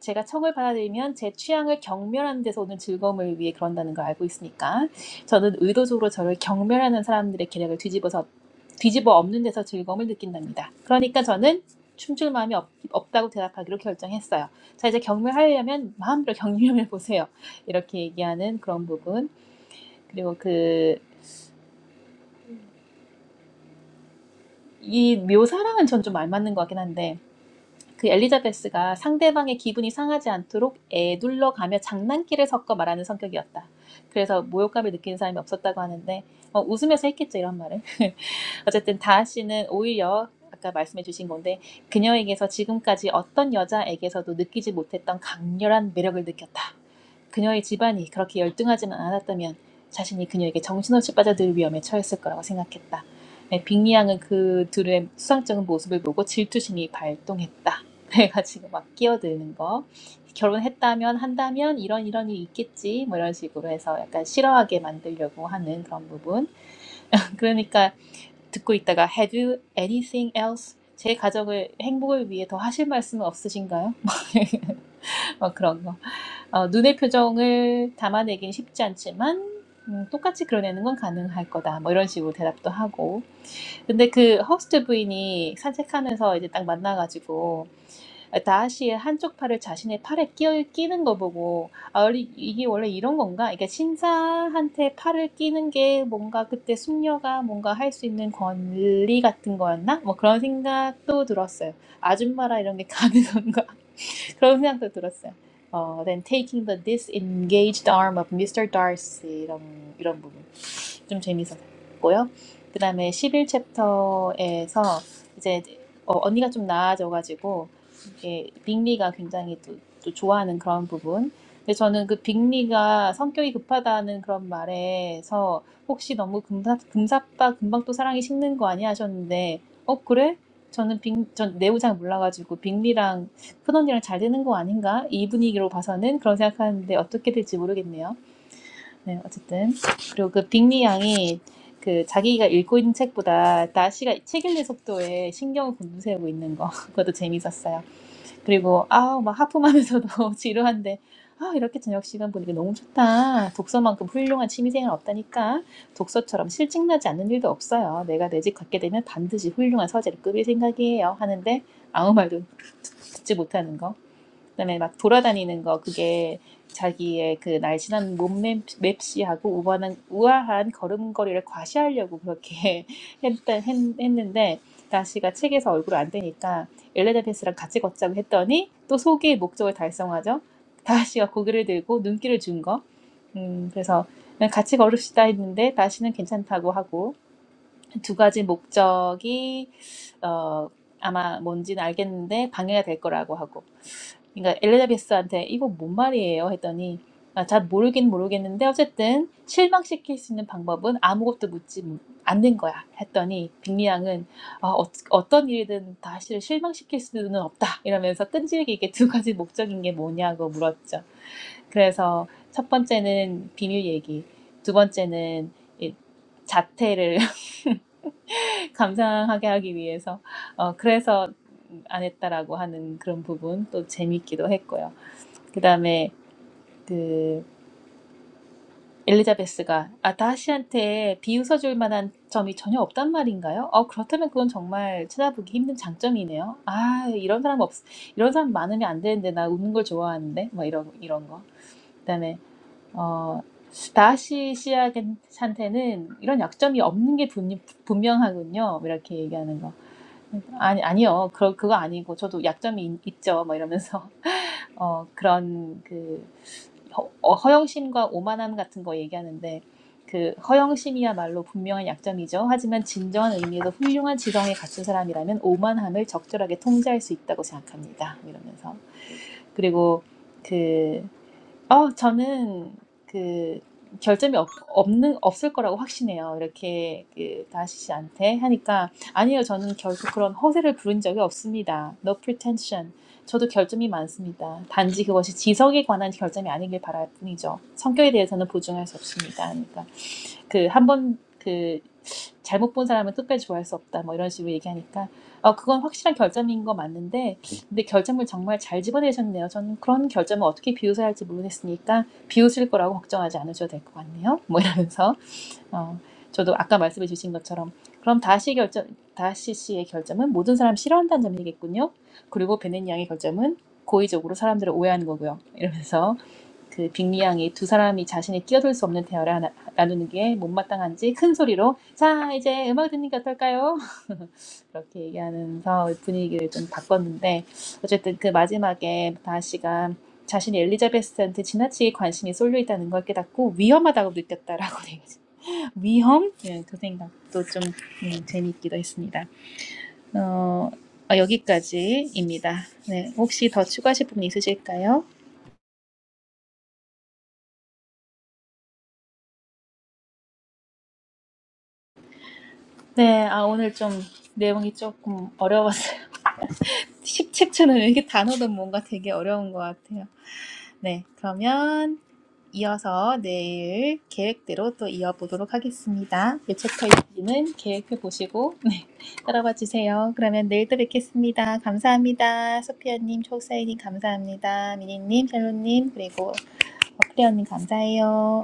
A: 제가 청을 받아들이면 제 취향을 경멸하는 데서 오는 즐거움을 위해 그런다는 걸 알고 있으니까 저는 의도적으로 저를 경멸하는 사람들의 계략을 뒤집어서 뒤집어 엎는 데서 즐거움을 느낀답니다. 그러니까 저는 춤출 마음이 없, 없다고 대답하기로 결정했어요. 자 이제 경멸하려면 마음대로 경멸해 보세요. 이렇게 얘기하는 그런 부분 그리고 그 이 묘사랑은 전 좀 알맞는 것 같긴 한데 그 엘리자베스가 상대방의 기분이 상하지 않도록 애둘러 가며 장난기를 섞어 말하는 성격이었다. 그래서 모욕감을 느끼는 사람이 없었다고 하는데 어, 웃으면서 했겠죠 이런 말을. 어쨌든 다하 씨는 오히려 아까 말씀해 주신 건데 그녀에게서 지금까지 어떤 여자에게서도 느끼지 못했던 강렬한 매력을 느꼈다. 그녀의 집안이 그렇게 열등하지는 않았다면 자신이 그녀에게 정신없이 빠져들 위험에 처했을 거라고 생각했다. 네, 빅리양은 그 둘의 수상적인 모습을 보고 질투심이 발동했다. 내가 지금 막 끼어드는 거 결혼했다면 한다면 이런 이런 일이 있겠지 뭐 이런 식으로 해서 약간 싫어하게 만들려고 하는 그런 부분 그러니까 듣고 있다가 Have you anything else? 제 가족을 행복을 위해 더 하실 말씀은 없으신가요? 막 그런 거. 어, 눈의 표정을 담아내긴 쉽지 않지만 음, 똑같이 그려내는 건 가능할 거다. 뭐 이런 식으로 대답도 하고. 근데 그 허스트 부인이 산책하면서 이제 딱 만나가지고 다하시의 한쪽 팔을 자신의 팔에 끼어 끼는 거 보고 아 이게 원래 이런 건가? 그러니까 신사한테 팔을 끼는 게 뭔가 그때 숙녀가 뭔가 할 수 있는 권리 같은 거였나? 뭐 그런 생각도 들었어요. 아줌마라 이런 게 가능한가? 그런 생각도 들었어요. 어, then taking the disengaged arm of Mr. Darcy 이런 이런 부분. 좀 재밌었고요. 그 다음에 11챕터에서 이제 어, 언니가 좀 나아져가지고 이게 빅리가 굉장히 또, 또 좋아하는 그런 부분. 근데 저는 그 빅리가 성격이 급하다는 그런 말에서 혹시 너무 금사, 금사빠 금방 또 사랑이 식는 거 아니야 하셨는데 어 그래? 저는 빅, 전 내부 잘 몰라가지고 빅리랑 큰언니랑 잘 되는 거 아닌가? 이 분위기로 봐서는 그런 생각하는데 어떻게 될지 모르겠네요. 네, 어쨌든 그리고 그 빅리 양이 그 자기가 읽고 있는 책보다 나시가 책 읽는 속도에 신경을 곤두세우고 있는 거 그것도 재밌었어요. 그리고 아막 하품하면서도 지루한데 아 이렇게 저녁 시간 보니까 너무 좋다. 독서만큼 훌륭한 취미생활 없다니까. 독서처럼 실증나지 않는 일도 없어요. 내가 내 집 갖게 되면 반드시 훌륭한 서재를 꾸밀 생각이에요. 하는데 아무 말도 듣지 못하는 거. 그다음에 막 돌아다니는 거 그게 자기의 그 날씬한 몸 맵시하고 우아한, 우아한 걸음걸이를 과시하려고 그렇게 했 했, 했는데 다시가 책에서 얼굴 안 되니까 엘레나베스랑 같이 걷자고 했더니 또 소기의 목적을 달성하죠. 다시가 고개를 들고 눈길을 준 거. 음, 그래서 같이 걸읍시다 했는데 다시는 괜찮다고 하고 두 가지 목적이 어, 아마 뭔지는 알겠는데 방해가 될 거라고 하고 그러니까 엘리자베스한테 이거 뭔 말이에요 했더니 아, 잘 모르긴 모르겠는데 어쨌든 실망시킬 수 있는 방법은 아무것도 묻지 않는 거야 했더니 빅리양은 아, 어, 어떤 일이든 다시를 실망시킬 수는 없다 이러면서 끈질기게 두 가지 목적인 게 뭐냐고 물었죠. 그래서 첫 번째는 비밀 얘기, 두 번째는 이 자태를 감상하게 하기 위해서 어, 그래서 안 했다라고 하는 그런 부분 또 재밌기도 했고요. 그 다음에 그 엘리자베스가 아다시한테 비웃어줄 만한 점이 전혀 없단 말인가요? 어, 그렇다면 그건 정말 찾아보기 힘든 장점이네요. 아, 이런 사람 없, 이런 사람 많으면 안 되는데 나 웃는 걸 좋아하는데 뭐 이런 이런 거. 그다음에 어 다시 씨한테는 이런 약점이 없는 게 분, 분명하군요. 뭐 이렇게 얘기하는 거. 아니 아니요. 그 그거 아니고 저도 약점이 있, 있죠. 뭐 이러면서 어, 그런 그 허- 어, 허영심과 오만함 같은 거 얘기하는데 그 허영심이야말로 분명한 약점이죠. 하지만 진정한 의미에서 훌륭한 지성에 갖춘 사람이라면 오만함을 적절하게 통제할 수 있다고 생각합니다. 이러면서 그리고 그 어, 저는 그 결점이 없, 없는 없을 거라고 확신해요. 이렇게 그 다시 씨한테 하니까 아니요, 저는 결코 그런 허세를 부른 적이 없습니다. No pretension. 저도 결점이 많습니다. 단지 그것이 지성에 관한 결점이 아니길 바랄 뿐이죠. 성격에 대해서는 보증할 수 없습니다. 그러니까 그 한 번 그 잘못 본 사람은 끝까지 좋아할 수 없다 뭐 이런 식으로 얘기하니까 어 그건 확실한 결점인 거 맞는데 근데 결점을 정말 잘 집어내셨네요. 저는 그런 결점을 어떻게 비웃어야 할지 모르겠으니까 비웃을 거라고 걱정하지 않으셔도 될 것 같네요. 뭐 이러면서 어 저도 아까 말씀해 주신 것처럼 그럼 다시 결점 다시 씨의 결점은 모든 사람 싫어한다는 점이겠군요. 그리고 베넨 양의 결점은 고의적으로 사람들을 오해하는 거고요. 이러면서 그 빅리양이 두 사람이 자신이 끼어들 수 없는 대화를 하나- 나누는 게 못마땅한지 큰 소리로 자 이제 음악 듣는 게 어떨까요? 그렇게 얘기하면서 분위기를 좀 바꿨는데 어쨌든 그 마지막에 다하씨가 자신이 엘리자베스한테 지나치게 관심이 쏠려 있다는 걸 깨닫고 위험하다고 느꼈다라고 얘기했죠 위험? 네, 그 생각도 좀 음, 재미있기도 했습니다. 어, 어, 여기까지입니다. 네, 혹시 더 추가하실 부분 있으실까요? 네, 아, 오늘 좀 내용이 조금 어려웠어요. 17초는 이게 단어도 뭔가 되게 어려운 것 같아요. 네, 그러면 이어서 내일 계획대로 또 이어보도록 하겠습니다. 이 챕터 지는 계획표 보시고 네, 따라와 주세요. 그러면 내일 또 뵙겠습니다. 감사합니다. 소피아님, 초사이님 감사합니다. 미니님, 샬로님, 그리고 어프리언님 감사해요.